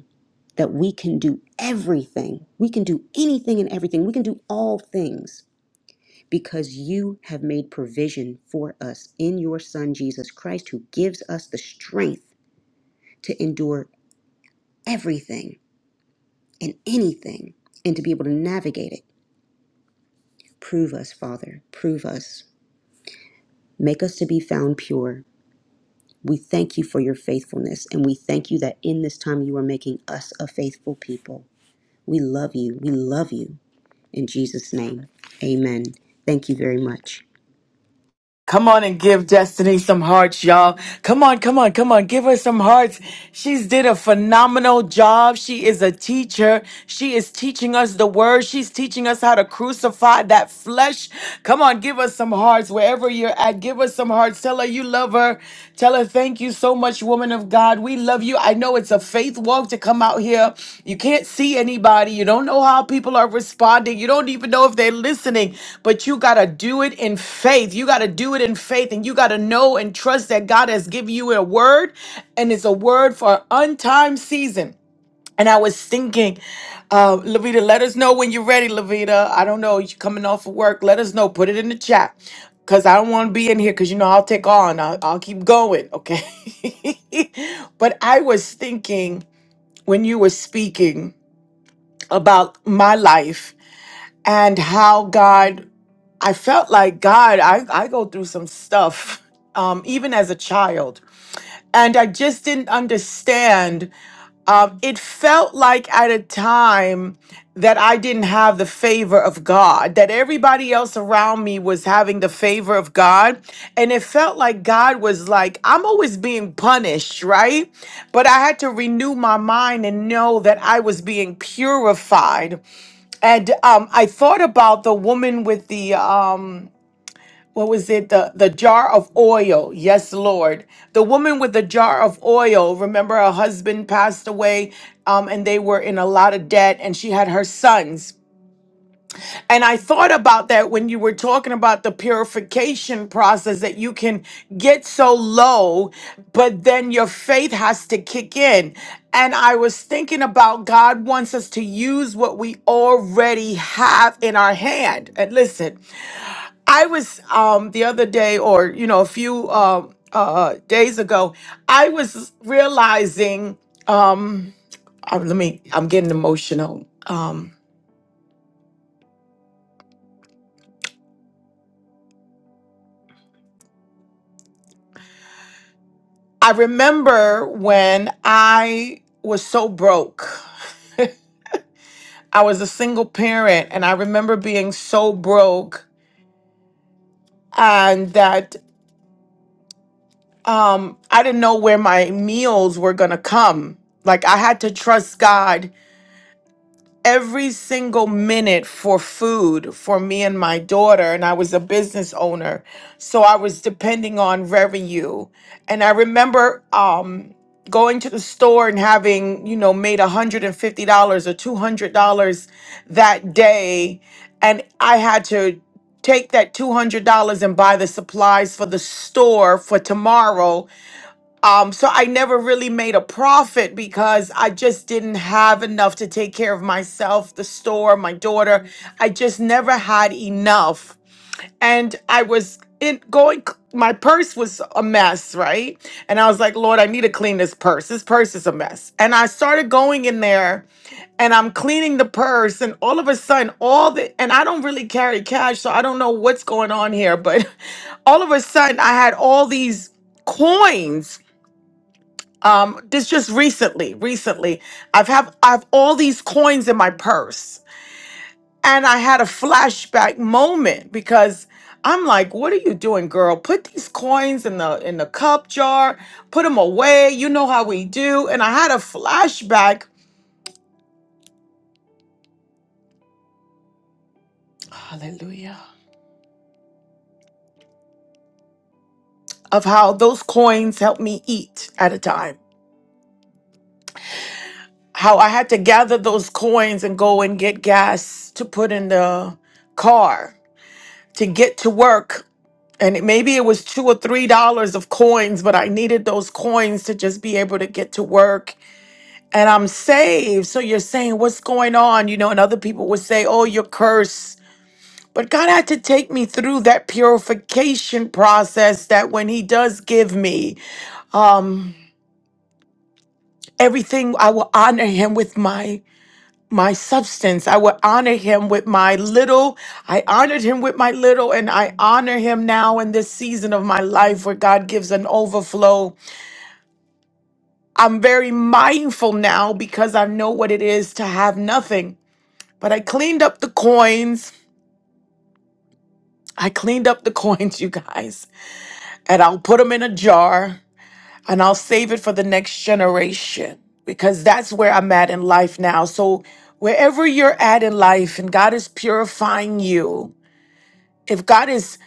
Speaker 3: that we can do everything. We can do anything and everything. We can do all things because you have made provision for us in your Son, Jesus Christ, who gives us the strength to endure everything and anything and to be able to navigate it. Prove us, Father. Prove us. Make us to be found pure. We thank you for your faithfulness, and we thank you that in this time you are making us a faithful people. We love you. We love you. In Jesus' name, amen. Thank you very much.
Speaker 1: Come on and give Destiny some hearts, y'all. Come on, come on, come on. Give her some hearts. She's did a phenomenal job. She is a teacher. She is teaching us the word. She's teaching us how to crucify that flesh. Come on, give us some hearts wherever you're at. Give us some hearts. Tell her you love her. Tell her thank you so so much, woman of God. We love you. I know it's a faith walk to come out here. You can't see anybody. You don't know how people are responding. You don't even know if they're listening, but you got to do it in faith. You got to do it in faith and you got to know and trust that God has given you a word and it's a word for an untimed season. And I was thinking, uh, Lavita, let us know when you're ready, Lavita. I don't know, you coming off of work. Let us know. Put it in the chat. Cause I don't want to be in here because you know I'll take on. I'll, I'll keep going. Okay. but I was thinking when you were speaking about my life and how God, I felt like God, I, I go through some stuff. Um, even as a child and I just didn't understand. Um, it felt like at a time that I didn't have the favor of God, that everybody else around me was having the favor of God. And it felt like God was like, I'm always being punished, right? But I had to renew my mind and know that I was being purified. And um, I thought about the woman with the. Um, what was it the the jar of oil yes lord the woman with the jar of oil remember her husband passed away um, and they were in a lot of debt and she had her sons and i thought about that when you were talking about the purification process that you can get so low but then your faith has to kick in and i was thinking about god wants us to use what we already have in our hand and listen I was um the other day, or you know, a few uh, uh, days ago, I was realizing. Um, uh, let me. I'm getting emotional. Um, I remember when I was so broke. I was a single parent, and I remember being so broke, and that um, I didn't know where my meals were gonna come. Like I had to trust God every single minute for food for me and my daughter and I was a business owner so I was depending on revenue and I remember um going to the store and having you know made $150 or $200 that day and I had to take that $200 and buy the supplies for the store for tomorrow um, so I never really made a profit because I just didn't have enough to take care of myself, the store, my daughter. I just never had enough. And I was in going, my purse was a mess, right? And I was like, Lord, I need to clean this purse. This purse is a mess. And I started going in there and I'm cleaning the purse, and all of a sudden, all the and I don't really carry cash, so I don't know what's going on here, but all of a sudden, I had all these coins um this just recently recently i've have i've all these coins in my purse and i had a flashback moment because i'm like what are you doing girl put these coins in the in the cup jar put them away you know how we do and i had a flashback hallelujah of how those coins helped me eat at a time how i had to gather those coins and go and get gas to put in the car to get to work and it- maybe it was two or three dollars of coins, but I needed those coins to just be able to get to work. And I'm saved. So you're saying, what's going on? You know, and other people would say, oh, you're cursed. But God had to take me through that purification process that when He does give me um, everything, I will honor Him with my my substance. I will honor him with my little. I honored him with my little, and I honor him now in this season of my life where God gives an overflow. I'm very mindful now because I know what it is to have nothing. But I cleaned up the coins. I cleaned up the coins, you guys, and I'll put them in a jar and I'll save it for the next generation because that's where I'm at in life now. So, wherever you're at in life and God is purifying you, if God is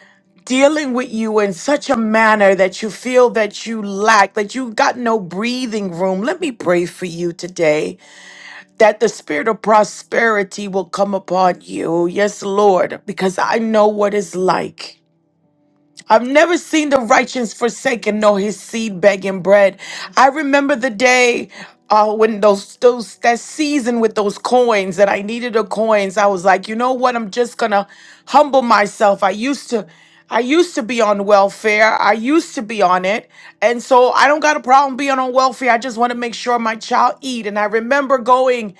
Speaker 1: dealing with you in such a manner that you feel that you lack, that you got no breathing room, let me pray for you today. that the spirit of prosperity will come upon you. Yes, Lord, because I know what it's like. I've never seen the righteous forsaken nor his seed begging bread. I remember the day uh, when those those that season with those coins that I needed the coins. I was like, you know what? I'm just gonna humble myself. I used to. I used to be on welfare. I used to be on it. And so I don't got a problem being on welfare. I just want to make sure my child eat. And I remember going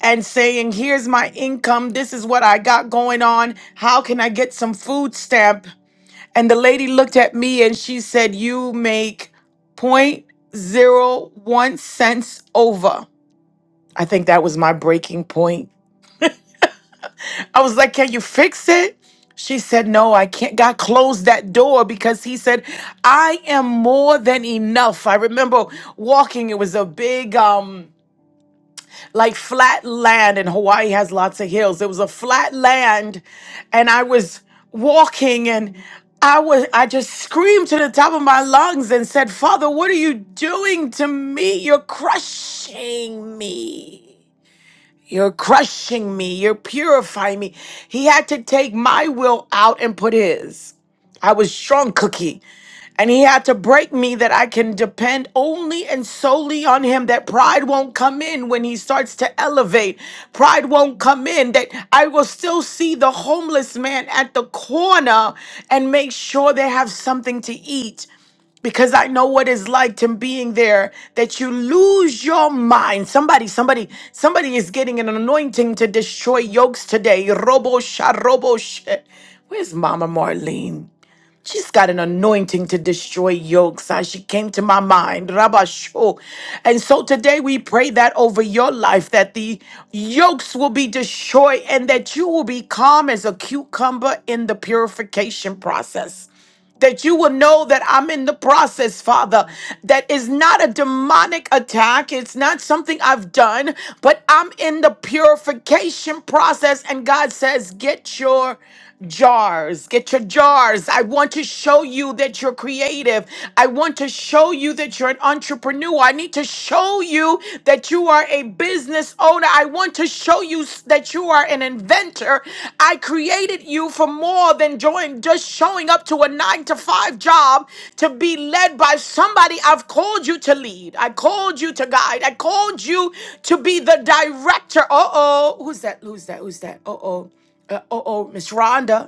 Speaker 1: and saying, "Here's my income. This is what I got going on. How can I get some food stamp and the lady looked at me and she said, You make point zero one cents over. I think that was my breaking point. I was like, Can you fix it? She said, No, I can't. God closed that door because he said, I am more than enough. I remember walking, it was a big, um, like flat land, and Hawaii has lots of hills. It was a flat land, and I was walking and I was I just screamed to the top of my lungs and said, "Father, what are you doing to me? You're crushing me." You're crushing me. You're purifying me. He had to take my will out and put his. I was strong cookie. And he had to break me that I can depend only and solely on him. That pride won't come in when he starts to elevate. Pride won't come in. That I will still see the homeless man at the corner and make sure they have something to eat because I know what it's like to being there that you lose your mind. Somebody, somebody, somebody is getting an anointing to destroy yokes today. Robo sha, robo sha. Where's Mama Marlene? She's got an anointing to destroy yokes. Ah, She came to my mind. Rabasho. And so today we pray that over your life, that the yokes will be destroyed and that you will be calm as a cucumber in the purification process that you will know that I'm in the process, Father. That is not a demonic attack, it's not something I've done, but I'm in the purification process. And God says, Get your jars. Get your jars. I want to show you that you're creative. I want to show you that you're an entrepreneur. I need to show you that you you are a business owner. I want to show you s- that you are an inventor. I created you for more than join, just showing up to a nine to five job to be led by somebody. I've called you to lead. I called you to guide. I called you to be the director. Uh oh. Who's that? Who's that? Who's that? Uh oh. Uh oh. Miss Rhonda.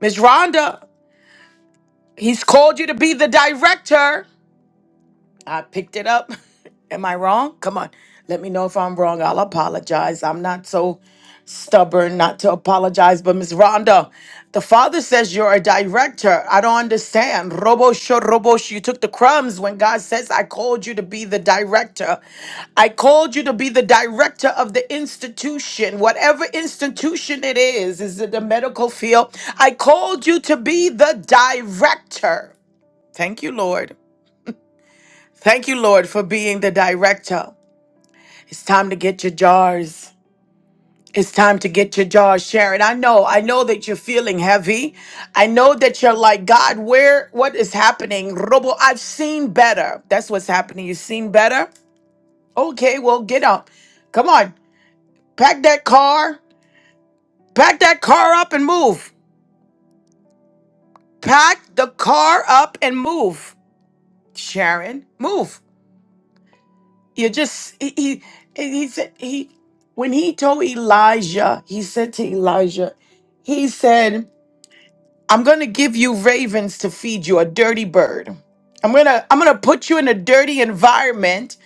Speaker 1: Miss Rhonda. He's called you to be the director. I picked it up. Am I wrong? Come on. Let me know if I'm wrong. I'll apologize. I'm not so stubborn not to apologize. But Miss Rhonda, the father says you're a director. I don't understand. Robo sho robo sho. You took the crumbs when God says I called you to be the director. I called you to be the director of the institution, whatever institution it is. Is it the medical field? I called you to be the director. Thank you, Lord. Thank you, Lord, for being the director. It's time to get your jars. It's time to get your jars, Sharon. I know, I know that you're feeling heavy. I know that you're like, God, where, what is happening? Robo, I've seen better. That's what's happening. You've seen better? Okay, well, get up. Come on, pack that car, pack that car up and move. Pack the car up and move, Sharon. Move. you just he, he he said he when he told Elijah, he said to Elijah, he said, "I'm going to give you ravens to feed you, a dirty bird. I'm going to I'm going to put you in a dirty environment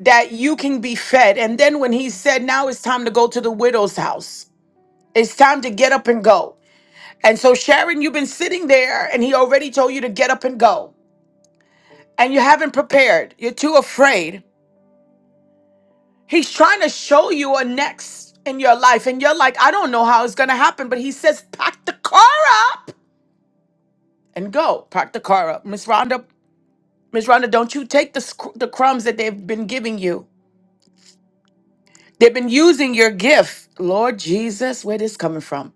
Speaker 1: that you can be fed." And then when he said, "Now it's time to go to the widow's house. It's time to get up and go." And so Sharon, you've been sitting there and he already told you to get up and go. And you haven't prepared. You're too afraid He's trying to show you a next in your life, and you're like, I don't know how it's gonna happen, but he says, pack the car up and go. Pack the car up. Miss Rhonda, Miss Rhonda, don't you take the, sc- the crumbs that they've been giving you. They've been using your gift. Lord Jesus, where this coming from?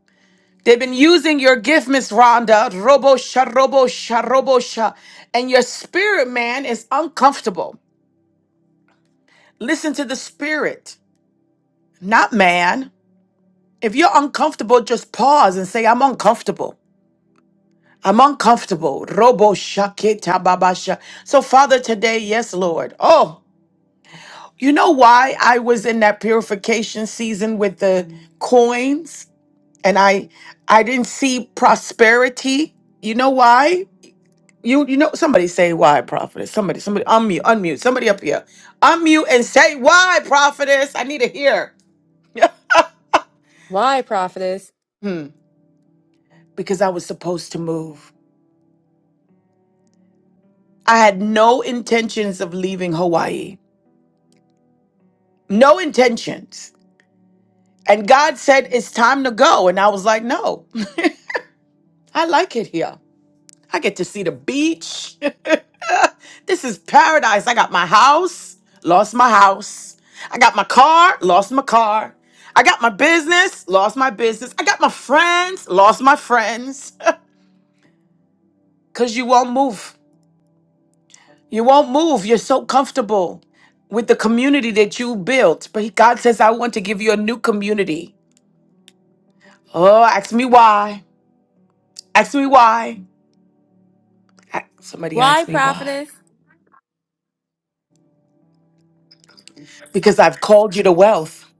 Speaker 1: They've been using your gift, Miss Rhonda, robo sha, robo sha, robo sha, and your spirit man is uncomfortable. Listen to the spirit, not man. If you're uncomfortable, just pause and say, I'm uncomfortable. I'm uncomfortable. Robo shakita babasha. So, Father, today, yes, Lord. Oh, you know why I was in that purification season with the coins and I I didn't see prosperity. You know why? You you know somebody say why, prophetess. Somebody, somebody unmute, unmute, somebody up here. Unmute and say why, prophetess. I need to hear.
Speaker 2: Why, prophetess?
Speaker 1: Hmm. Because I was supposed to move. I had no intentions of leaving Hawaii. No intentions. And God said, It's time to go. And I was like, No, I like it here. I get to see the beach. this is paradise. I got my house, lost my house. I got my car, lost my car. I got my business, lost my business. I got my friends, lost my friends. Because you won't move. You won't move. You're so comfortable with the community that you built. But God says, I want to give you a new community. Oh, ask me why. Ask me why. A- Somebody
Speaker 2: Why,
Speaker 1: asked me why.
Speaker 2: prophetess?
Speaker 1: because I've called you to wealth.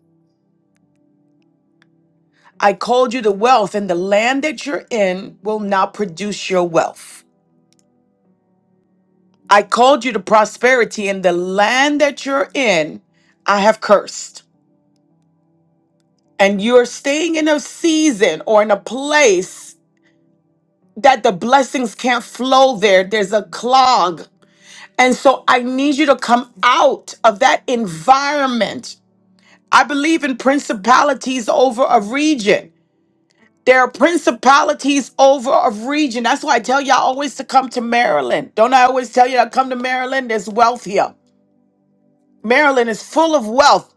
Speaker 1: I called you to wealth, and the land that you're in will now produce your wealth. I called you to prosperity, and the land that you're in, I have cursed. And you're staying in a season or in a place that the blessings can't flow there. There's a clog. And so I need you to come out of that environment. I believe in principalities over a region. There are principalities over a region. That's why I tell y'all always to come to Maryland. Don't I always tell you to come to Maryland? There's wealth here. Maryland is full of wealth.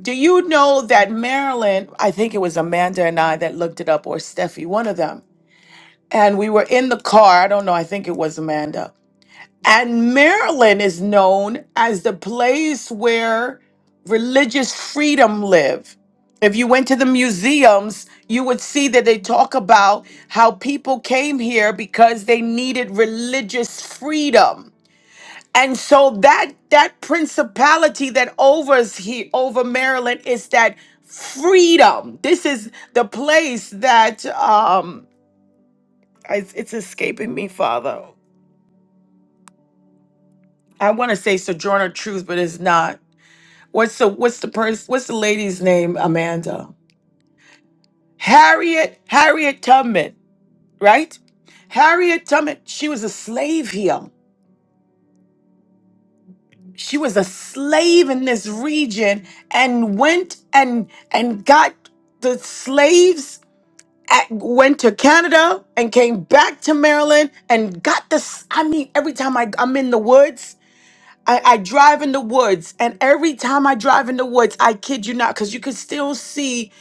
Speaker 1: Do you know that Maryland, I think it was Amanda and I that looked it up, or Steffi, one of them. And we were in the car. I don't know. I think it was Amanda. And Maryland is known as the place where religious freedom live. If you went to the museums, you would see that they talk about how people came here because they needed religious freedom. And so that that principality that overs here over Maryland is that freedom. This is the place that um it's, it's escaping me, Father. I want to say sojourner truth, but it's not. What's the what's the person what's the lady's name, Amanda? Harriet Harriet Tubman, right? Harriet Tubman, she was a slave here. She was a slave in this region and went and and got the slaves at, went to Canada and came back to Maryland and got this. I mean, every time I, I'm in the woods, I, I drive in the woods, and every time I drive in the woods, I kid you not, because you could still see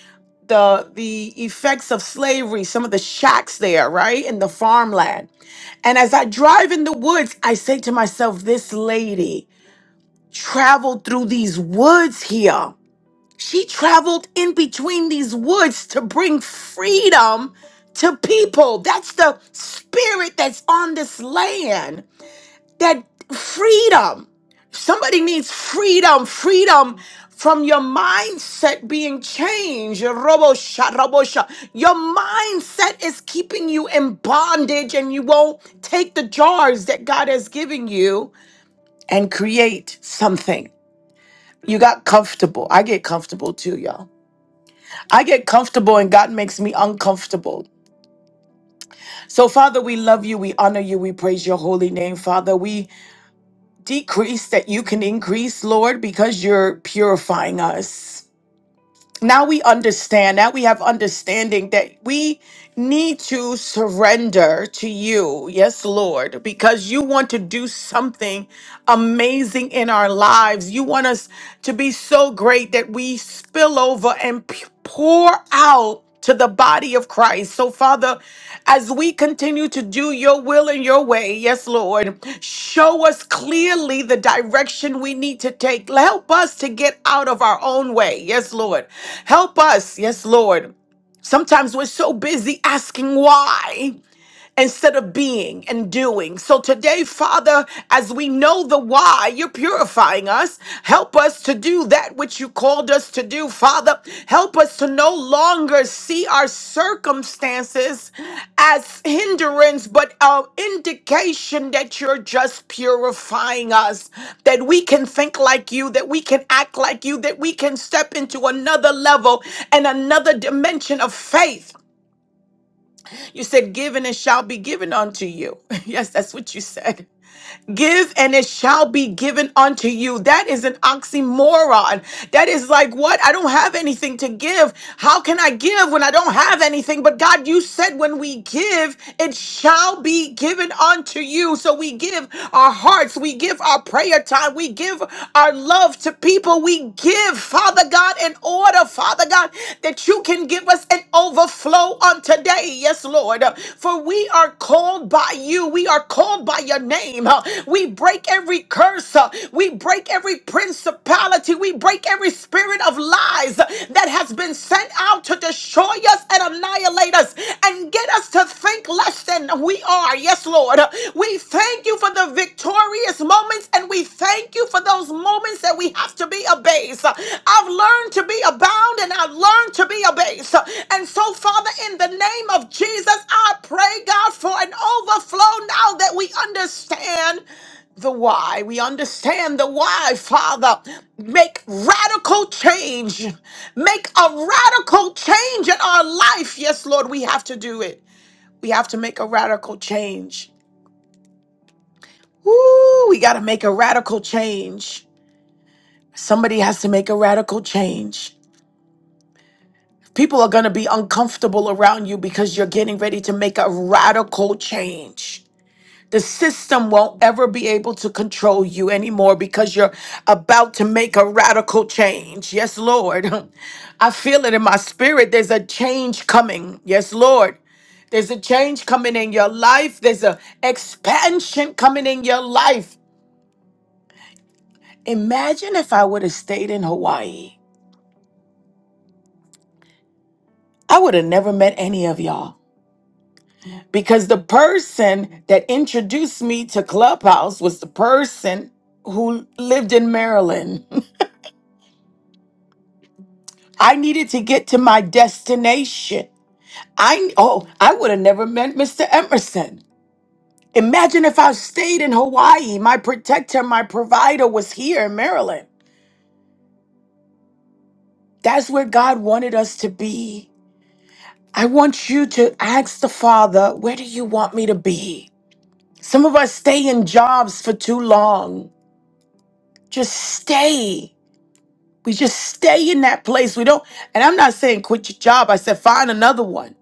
Speaker 1: the the effects of slavery, some of the shacks there, right? in the farmland. And as I drive in the woods, I say to myself, this lady traveled through these woods here. She traveled in between these woods to bring freedom to people. That's the spirit that's on this land that freedom. Somebody needs freedom, freedom from your mindset being changed. Robosha, robosha. Your mindset is keeping you in bondage and you won't take the jars that God has given you and create something. You got comfortable. I get comfortable too, y'all. I get comfortable and God makes me uncomfortable. So, Father, we love you. We honor you. We praise your holy name, Father. We decrease that you can increase, Lord, because you're purifying us. Now we understand, now we have understanding that we need to surrender to you. Yes, Lord, because you want to do something amazing in our lives. You want us to be so great that we spill over and p- pour out to the body of Christ. So, Father, as we continue to do your will and your way, yes, Lord, show us clearly the direction we need to take. Help us to get out of our own way, yes, Lord. Help us, yes, Lord. Sometimes we're so busy asking why instead of being and doing. So today, Father, as we know the why, you're purifying us. Help us to do that which you called us to do, Father. Help us to no longer see our circumstances as hindrance, but an indication that you're just purifying us, that we can think like you, that we can act like you, that we can step into another level and another dimension of faith. You said, Give and it shall be given unto you. Yes, that's what you said. Give and it shall be given unto you. That is an oxymoron. That is like, what? I don't have anything to give. How can I give when I don't have anything? But God, you said when we give, it shall be given unto you. So we give our hearts, we give our prayer time, we give our love to people, we give, Father God, in order, Father God, that you can give us an overflow on today. Yes, Lord. For we are called by you. We are called by your name. Uh, We break every curse. Uh, We break every principality. We break every spirit of lies uh, that has been sent out to destroy us and annihilate us and get us to think less than we are. Yes, Lord. Uh, We thank you for the victorious moments and we thank you you for those moments that we have to be abased. I've learned to be abound and I've learned to be abased. And so, Father, in the name of Jesus, I pray, God, for an overflow now that we understand the why. We understand the why, Father. Make radical change. Make a radical change in our life. Yes, Lord, we have to do it. We have to make a radical change. Woo, we got to make a radical change. Somebody has to make a radical change. People are going to be uncomfortable around you because you're getting ready to make a radical change. The system won't ever be able to control you anymore because you're about to make a radical change. Yes, Lord. I feel it in my spirit. There's a change coming. Yes, Lord. There's a change coming in your life. There's a expansion coming in your life. Imagine if I would have stayed in Hawaii. I would have never met any of y'all. because the person that introduced me to Clubhouse was the person who lived in Maryland. I needed to get to my destination. I oh, I would have never met Mr. Emerson. Imagine if I stayed in Hawaii. My protector, my provider was here in Maryland. That's where God wanted us to be. I want you to ask the Father, where do you want me to be? Some of us stay in jobs for too long. Just stay. We just stay in that place. We don't, and I'm not saying quit your job. I said find another one.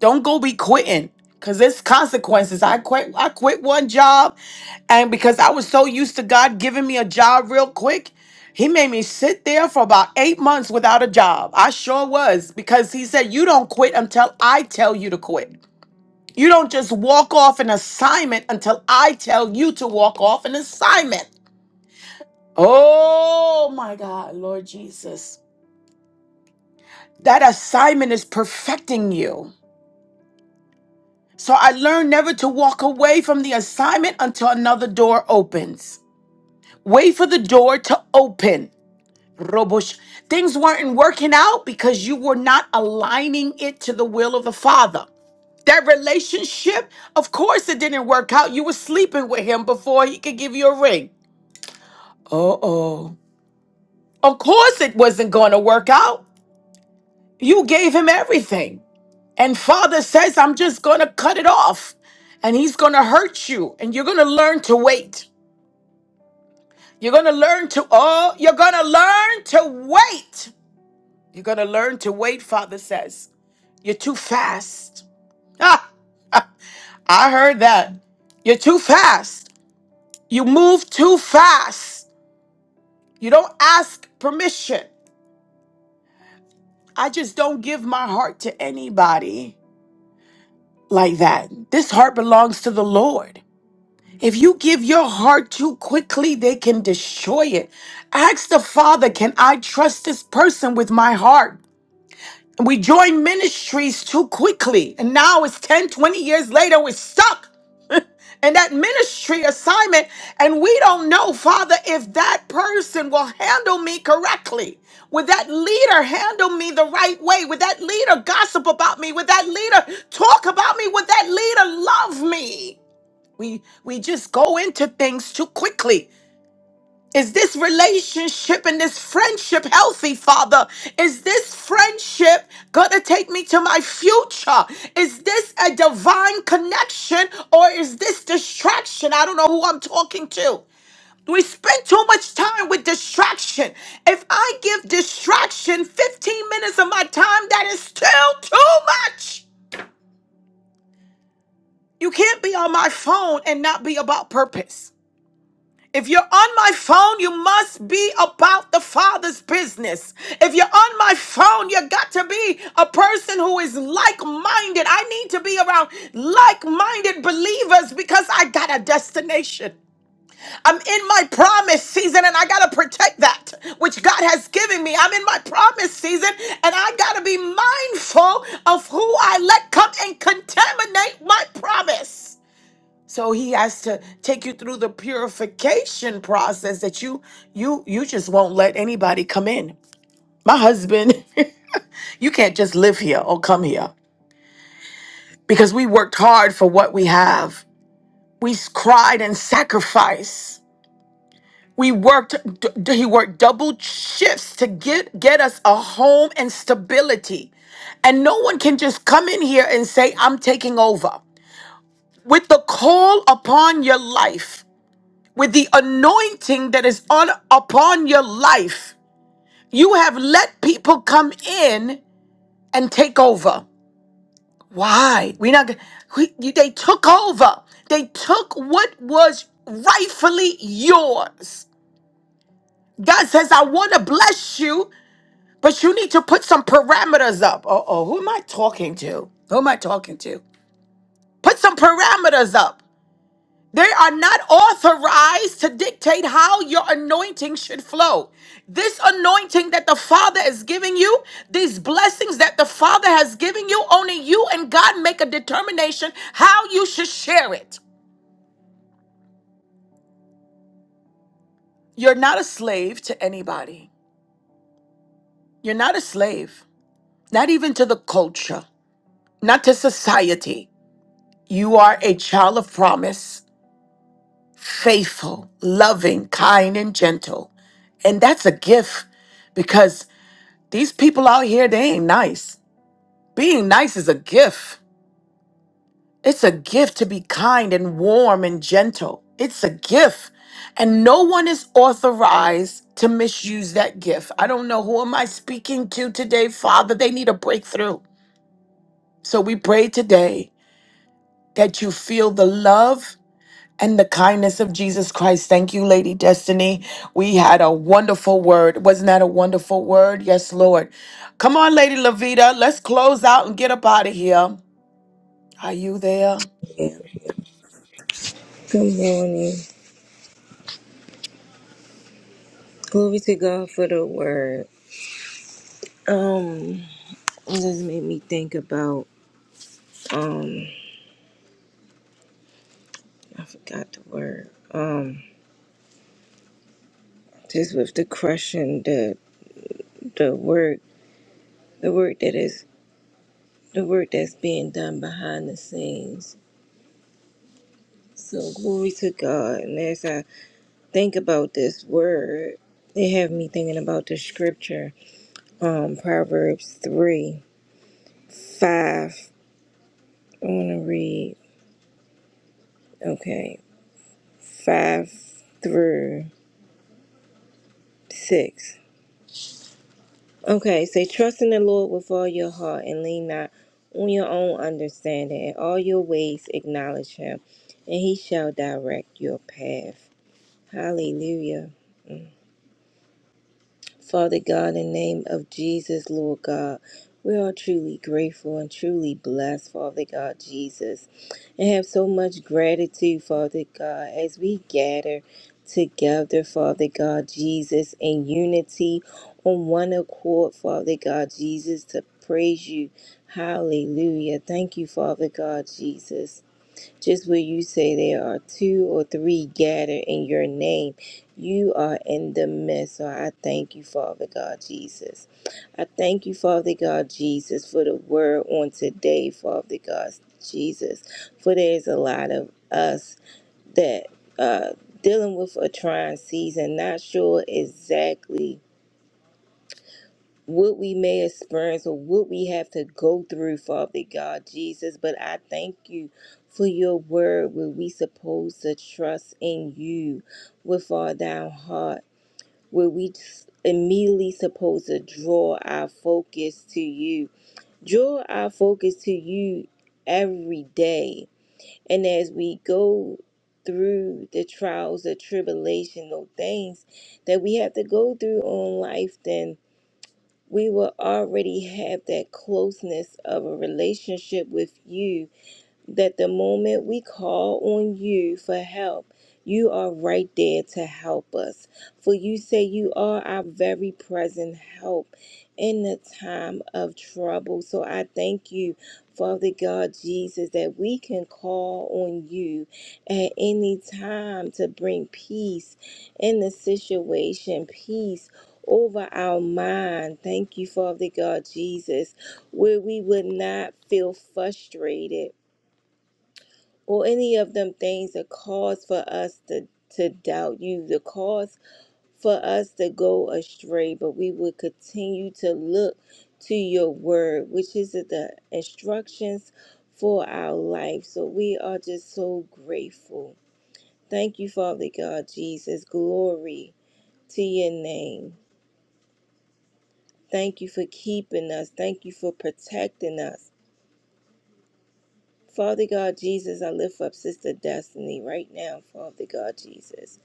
Speaker 1: Don't go be quitting. Cause there's consequences. I quit I quit one job and because I was so used to God giving me a job real quick, he made me sit there for about eight months without a job. I sure was because he said, You don't quit until I tell you to quit. You don't just walk off an assignment until I tell you to walk off an assignment. Oh my God, Lord Jesus. That assignment is perfecting you. So I learned never to walk away from the assignment until another door opens. Wait for the door to open. Robosh. Things weren't working out because you were not aligning it to the will of the Father. That relationship, of course, it didn't work out. You were sleeping with him before he could give you a ring. Uh oh. Of course, it wasn't going to work out. You gave him everything. And Father says, I'm just going to cut it off. And He's going to hurt you. And you're going to learn to wait. You're going to learn to, oh, you're going to learn to wait. You're going to learn to wait, Father says. You're too fast. Ah, I heard that. You're too fast. You move too fast. You don't ask permission. I just don't give my heart to anybody like that. This heart belongs to the Lord. If you give your heart too quickly, they can destroy it. Ask the Father, can I trust this person with my heart? And we join ministries too quickly. And now it's 10, 20 years later, we're stuck in that ministry assignment. And we don't know, Father, if that person will handle me correctly. Would that leader handle me the right way? Would that leader gossip about me? Would that leader talk about me? Would that leader love me? We we just go into things too quickly. Is this relationship and this friendship healthy, Father? Is this friendship gonna take me to my future? Is this a divine connection or is this distraction? I don't know who I'm talking to. We spend too much time with distraction. If I give distraction 15 minutes of my time, that is still too much. You can't be on my phone and not be about purpose. If you're on my phone, you must be about the Father's business. If you're on my phone, you got to be a person who is like minded. I need to be around like minded believers because I got a destination. I'm in my promise season and I got to protect that which God has given me. I'm in my promise season and I got to be mindful of who I let come and contaminate my promise. So he has to take you through the purification process that you you you just won't let anybody come in. My husband, you can't just live here or come here because we worked hard for what we have. We s- cried and sacrificed. We worked d- d- he worked double shifts to get get us a home and stability. And no one can just come in here and say I'm taking over. With the call upon your life with the anointing that is on upon your life. You have let people come in and take over. Why? We're not. gonna- We, you- they took over. They took what was rightfully yours. God says, "I want to bless you, but you need to put some parameters up." Uh oh, who am I talking to? Who am I talking to? Put some parameters up. They are not authorized to dictate how your anointing should flow. This anointing that the Father is giving you, these blessings that the Father has given you, only you and God make a determination how you should share it. You're not a slave to anybody. You're not a slave, not even to the culture, not to society. You are a child of promise, faithful, loving, kind, and gentle. And that's a gift because These people out here, they ain't nice. Being nice is a gift. It's a gift to be kind and warm and gentle. It's a gift. And no one is authorized to misuse that gift. I don't know who am I speaking to today, Father. They need a breakthrough. So we pray today that you feel the love and the kindness of Jesus Christ. Thank you, Lady Destiny. We had a wonderful word. Wasn't that a wonderful word? Yes, Lord. Come on, Lady Lavita. Let's close out and get up out of here. Are you there?
Speaker 4: Good morning. Glory to God for the word. Um, it just made me think about um, I forgot the word. Um, just with the crushing the the work, the work that is the work that's being done behind the scenes. So glory to God. And as I think about this word, it have me thinking about the scripture, um, Proverbs three five. I want to read. Okay, five through Six. Okay, say, trust in the Lord with all your heart and lean not on your own understanding. In all your ways acknowledge him, and he shall direct your path. Hallelujah. Mm. Father God, in the name of Jesus, Lord God, we are truly grateful and truly blessed, Father God, Jesus, and have so much gratitude, Father God, as we gather together, Father God, Jesus, in unity on one accord, Father God, Jesus, to praise you. Hallelujah. Thank you, Father God, Jesus. Just where you say there are two or three gathered in your name, you are in the midst. So I thank you, Father God Jesus. I thank you, Father God Jesus, for the word on today, Father God Jesus. For there's a lot of us that uh dealing with a trying season, not sure exactly what we may experience or what we have to go through, Father God Jesus. But I thank you for your word where we supposed to trust in you with all thou heart, where we s- immediately supposed to draw our focus to you. Draw our focus to you every day. And as we go through the trials, the tribulational things that we have to go through on life, then we will already have that closeness of a relationship with you that the moment we call on you for help, you are right there to help us. For you say you are our very present help in the time of trouble. So I thank you, Father God Jesus, that we can call on you at any time to bring peace in the situation, peace. Over our mind. Thank you, Father God Jesus, where we would not feel frustrated or any of them things that cause for us to, to doubt you, the cause for us to go astray, but we will continue to look to your word, which is the instructions for our life. So we are just so grateful. Thank you, Father God, Jesus. Glory to your name. Thank you for keeping us. Thank you for protecting us. Father God, Jesus, I lift up Sister Destiny right now, Father God, Jesus.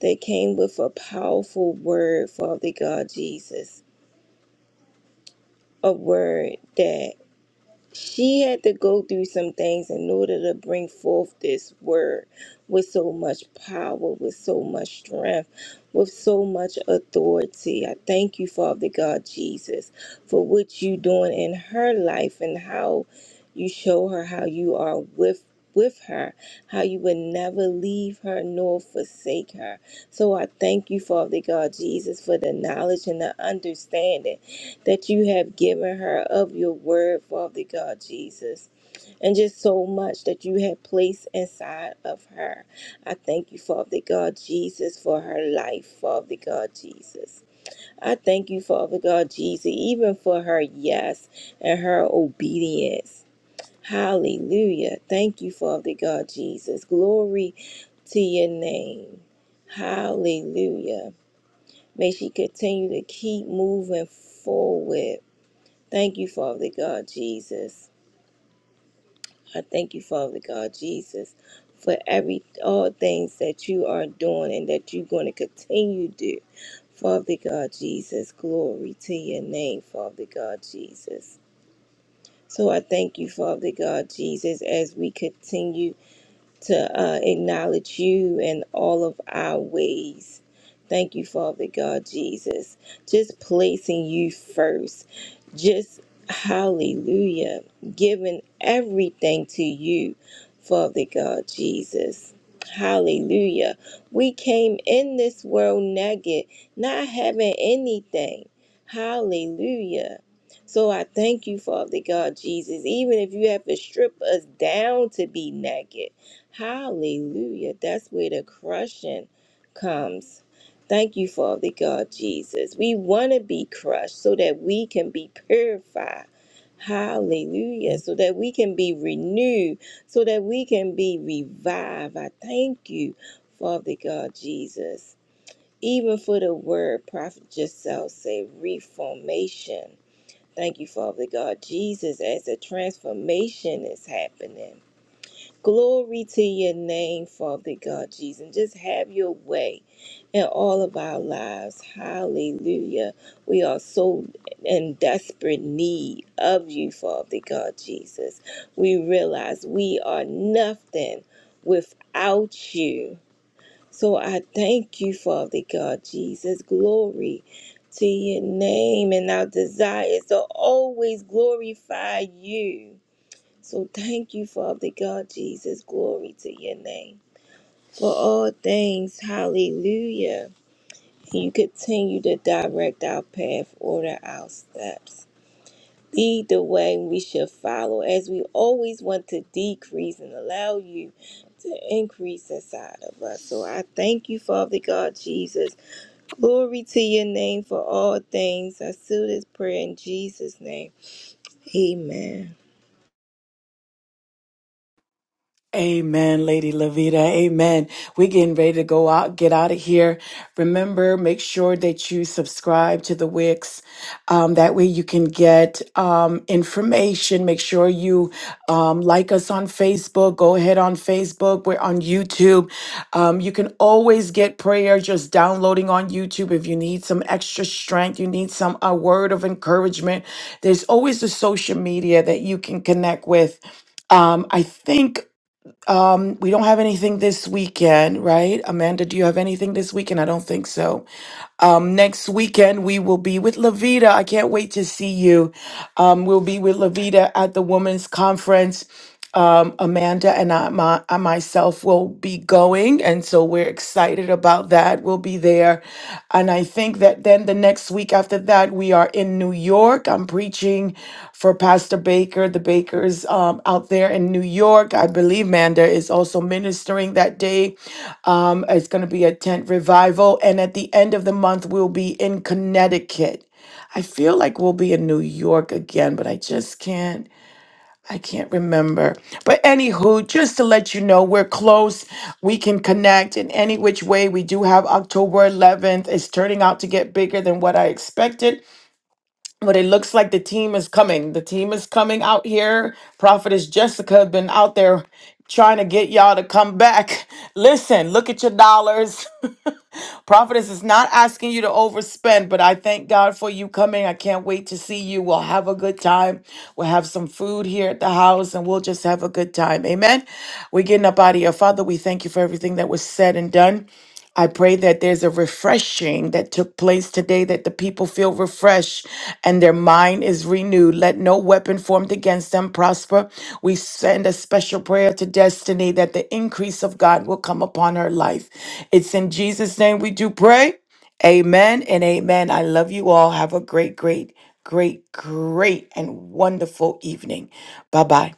Speaker 4: They came with a powerful word, Father God Jesus, a word that she had to go through some things in order to bring forth this word with so much power, with so much strength, with so much authority. I thank you, Father God Jesus, for what you doing in her life and how you show her how you are with with her, how you would never leave her nor forsake her. So I thank you, Father God Jesus, for the knowledge and the understanding that you have given her of your word, Father God Jesus, and just so much that you have placed inside of her. I thank you, Father God Jesus, for her life, Father God Jesus. I thank you, Father God Jesus, even for her yes and her obedience. Hallelujah. Thank you, Father God Jesus. Glory to your name. Hallelujah. May she continue to keep moving forward Thank you, Father God Jesus. I thank you, Father God Jesus, for every all things that you are doing and that you're going to continue to do. Father God Jesus, glory to your name, Father God Jesus. So I thank you, Father God Jesus, as we continue to uh, acknowledge you in all of our ways. Thank you, Father God Jesus. Just placing you first. Just hallelujah. Giving everything to you, Father God Jesus. Hallelujah. We came in this world naked, not having anything. Hallelujah. So I thank you, Father God Jesus. Even if you have to strip us down to be naked. Hallelujah. That's where the crushing comes. Thank you, Father God Jesus. We want to be crushed so that we can be purified. Hallelujah. So that we can be renewed, so that we can be revived. I thank you, Father God Jesus. Even for the word Prophet Giselle said, reformation. Thank you, Father God Jesus, as a transformation is happening. Glory to your name, Father God Jesus. And just have your way in all of our lives. Hallelujah. We are so in desperate need of you, Father God Jesus. We realize we are nothing without you. So I thank you, Father God Jesus. Glory to your name. And our desire is to always glorify you so thank you, Father God, Jesus. Glory to your name. For all things, hallelujah. you continue to direct our path, order our steps. Lead the way we should follow as we always want to decrease and allow you to increase inside of us. So I thank you, Father God, Jesus. Glory to your name for all things. I seal this prayer in Jesus' name. Amen.
Speaker 1: Amen, Lady Lavita. Amen. We're getting ready to go out, get out of here. Remember, make sure that you subscribe to the Wix. Um, that way you can get um, information. Make sure you um, like us on Facebook. Go ahead on Facebook. We're on YouTube. Um, you can always get prayer just downloading on YouTube if you need some extra strength, you need some a word of encouragement. There's always the social media that you can connect with. Um, I think um, we don't have anything this weekend, right? Amanda, do you have anything this weekend? I don't think so. Um, next weekend we will be with Lavita. I can't wait to see you. Um, we'll be with Lavita at the women's conference. Amanda and I, my, I myself will be going. And so we're excited about that. We'll be there. And I think that then the next week after that, we are in New York. I'm preaching for Pastor Baker, the Bakers um, out there in New York. I believe Manda is also ministering that day. Um, it's going to be a tent revival. And at the end of the month, we'll be in Connecticut. I feel like we'll be in New York again, but I just can't. I can't remember. But anywho, just to let you know, we're close. We can connect in any which way. We do have October 11th. It's turning out to get bigger than what I expected, but it looks like the team is coming. The team is coming out here. Prophetess Jessica has been out there trying to get y'all to come back. Listen, look at your dollars. Prophetess is not asking you to overspend, but I thank God for you coming. I can't wait to see you. We'll have a good time. We'll have some food here at the house and we'll just have a good time. Amen. We're getting up out of here. Father, we thank you for everything that was said and done. I pray that there's a refreshing that took place today, that the people feel refreshed and their mind is renewed. Let no weapon formed against them prosper. We send a special prayer to Destiny that the increase of God will come upon her life. It's in Jesus' name we do pray. Amen and amen. I love you all. Have a great, great, great, great, and wonderful evening. Bye bye.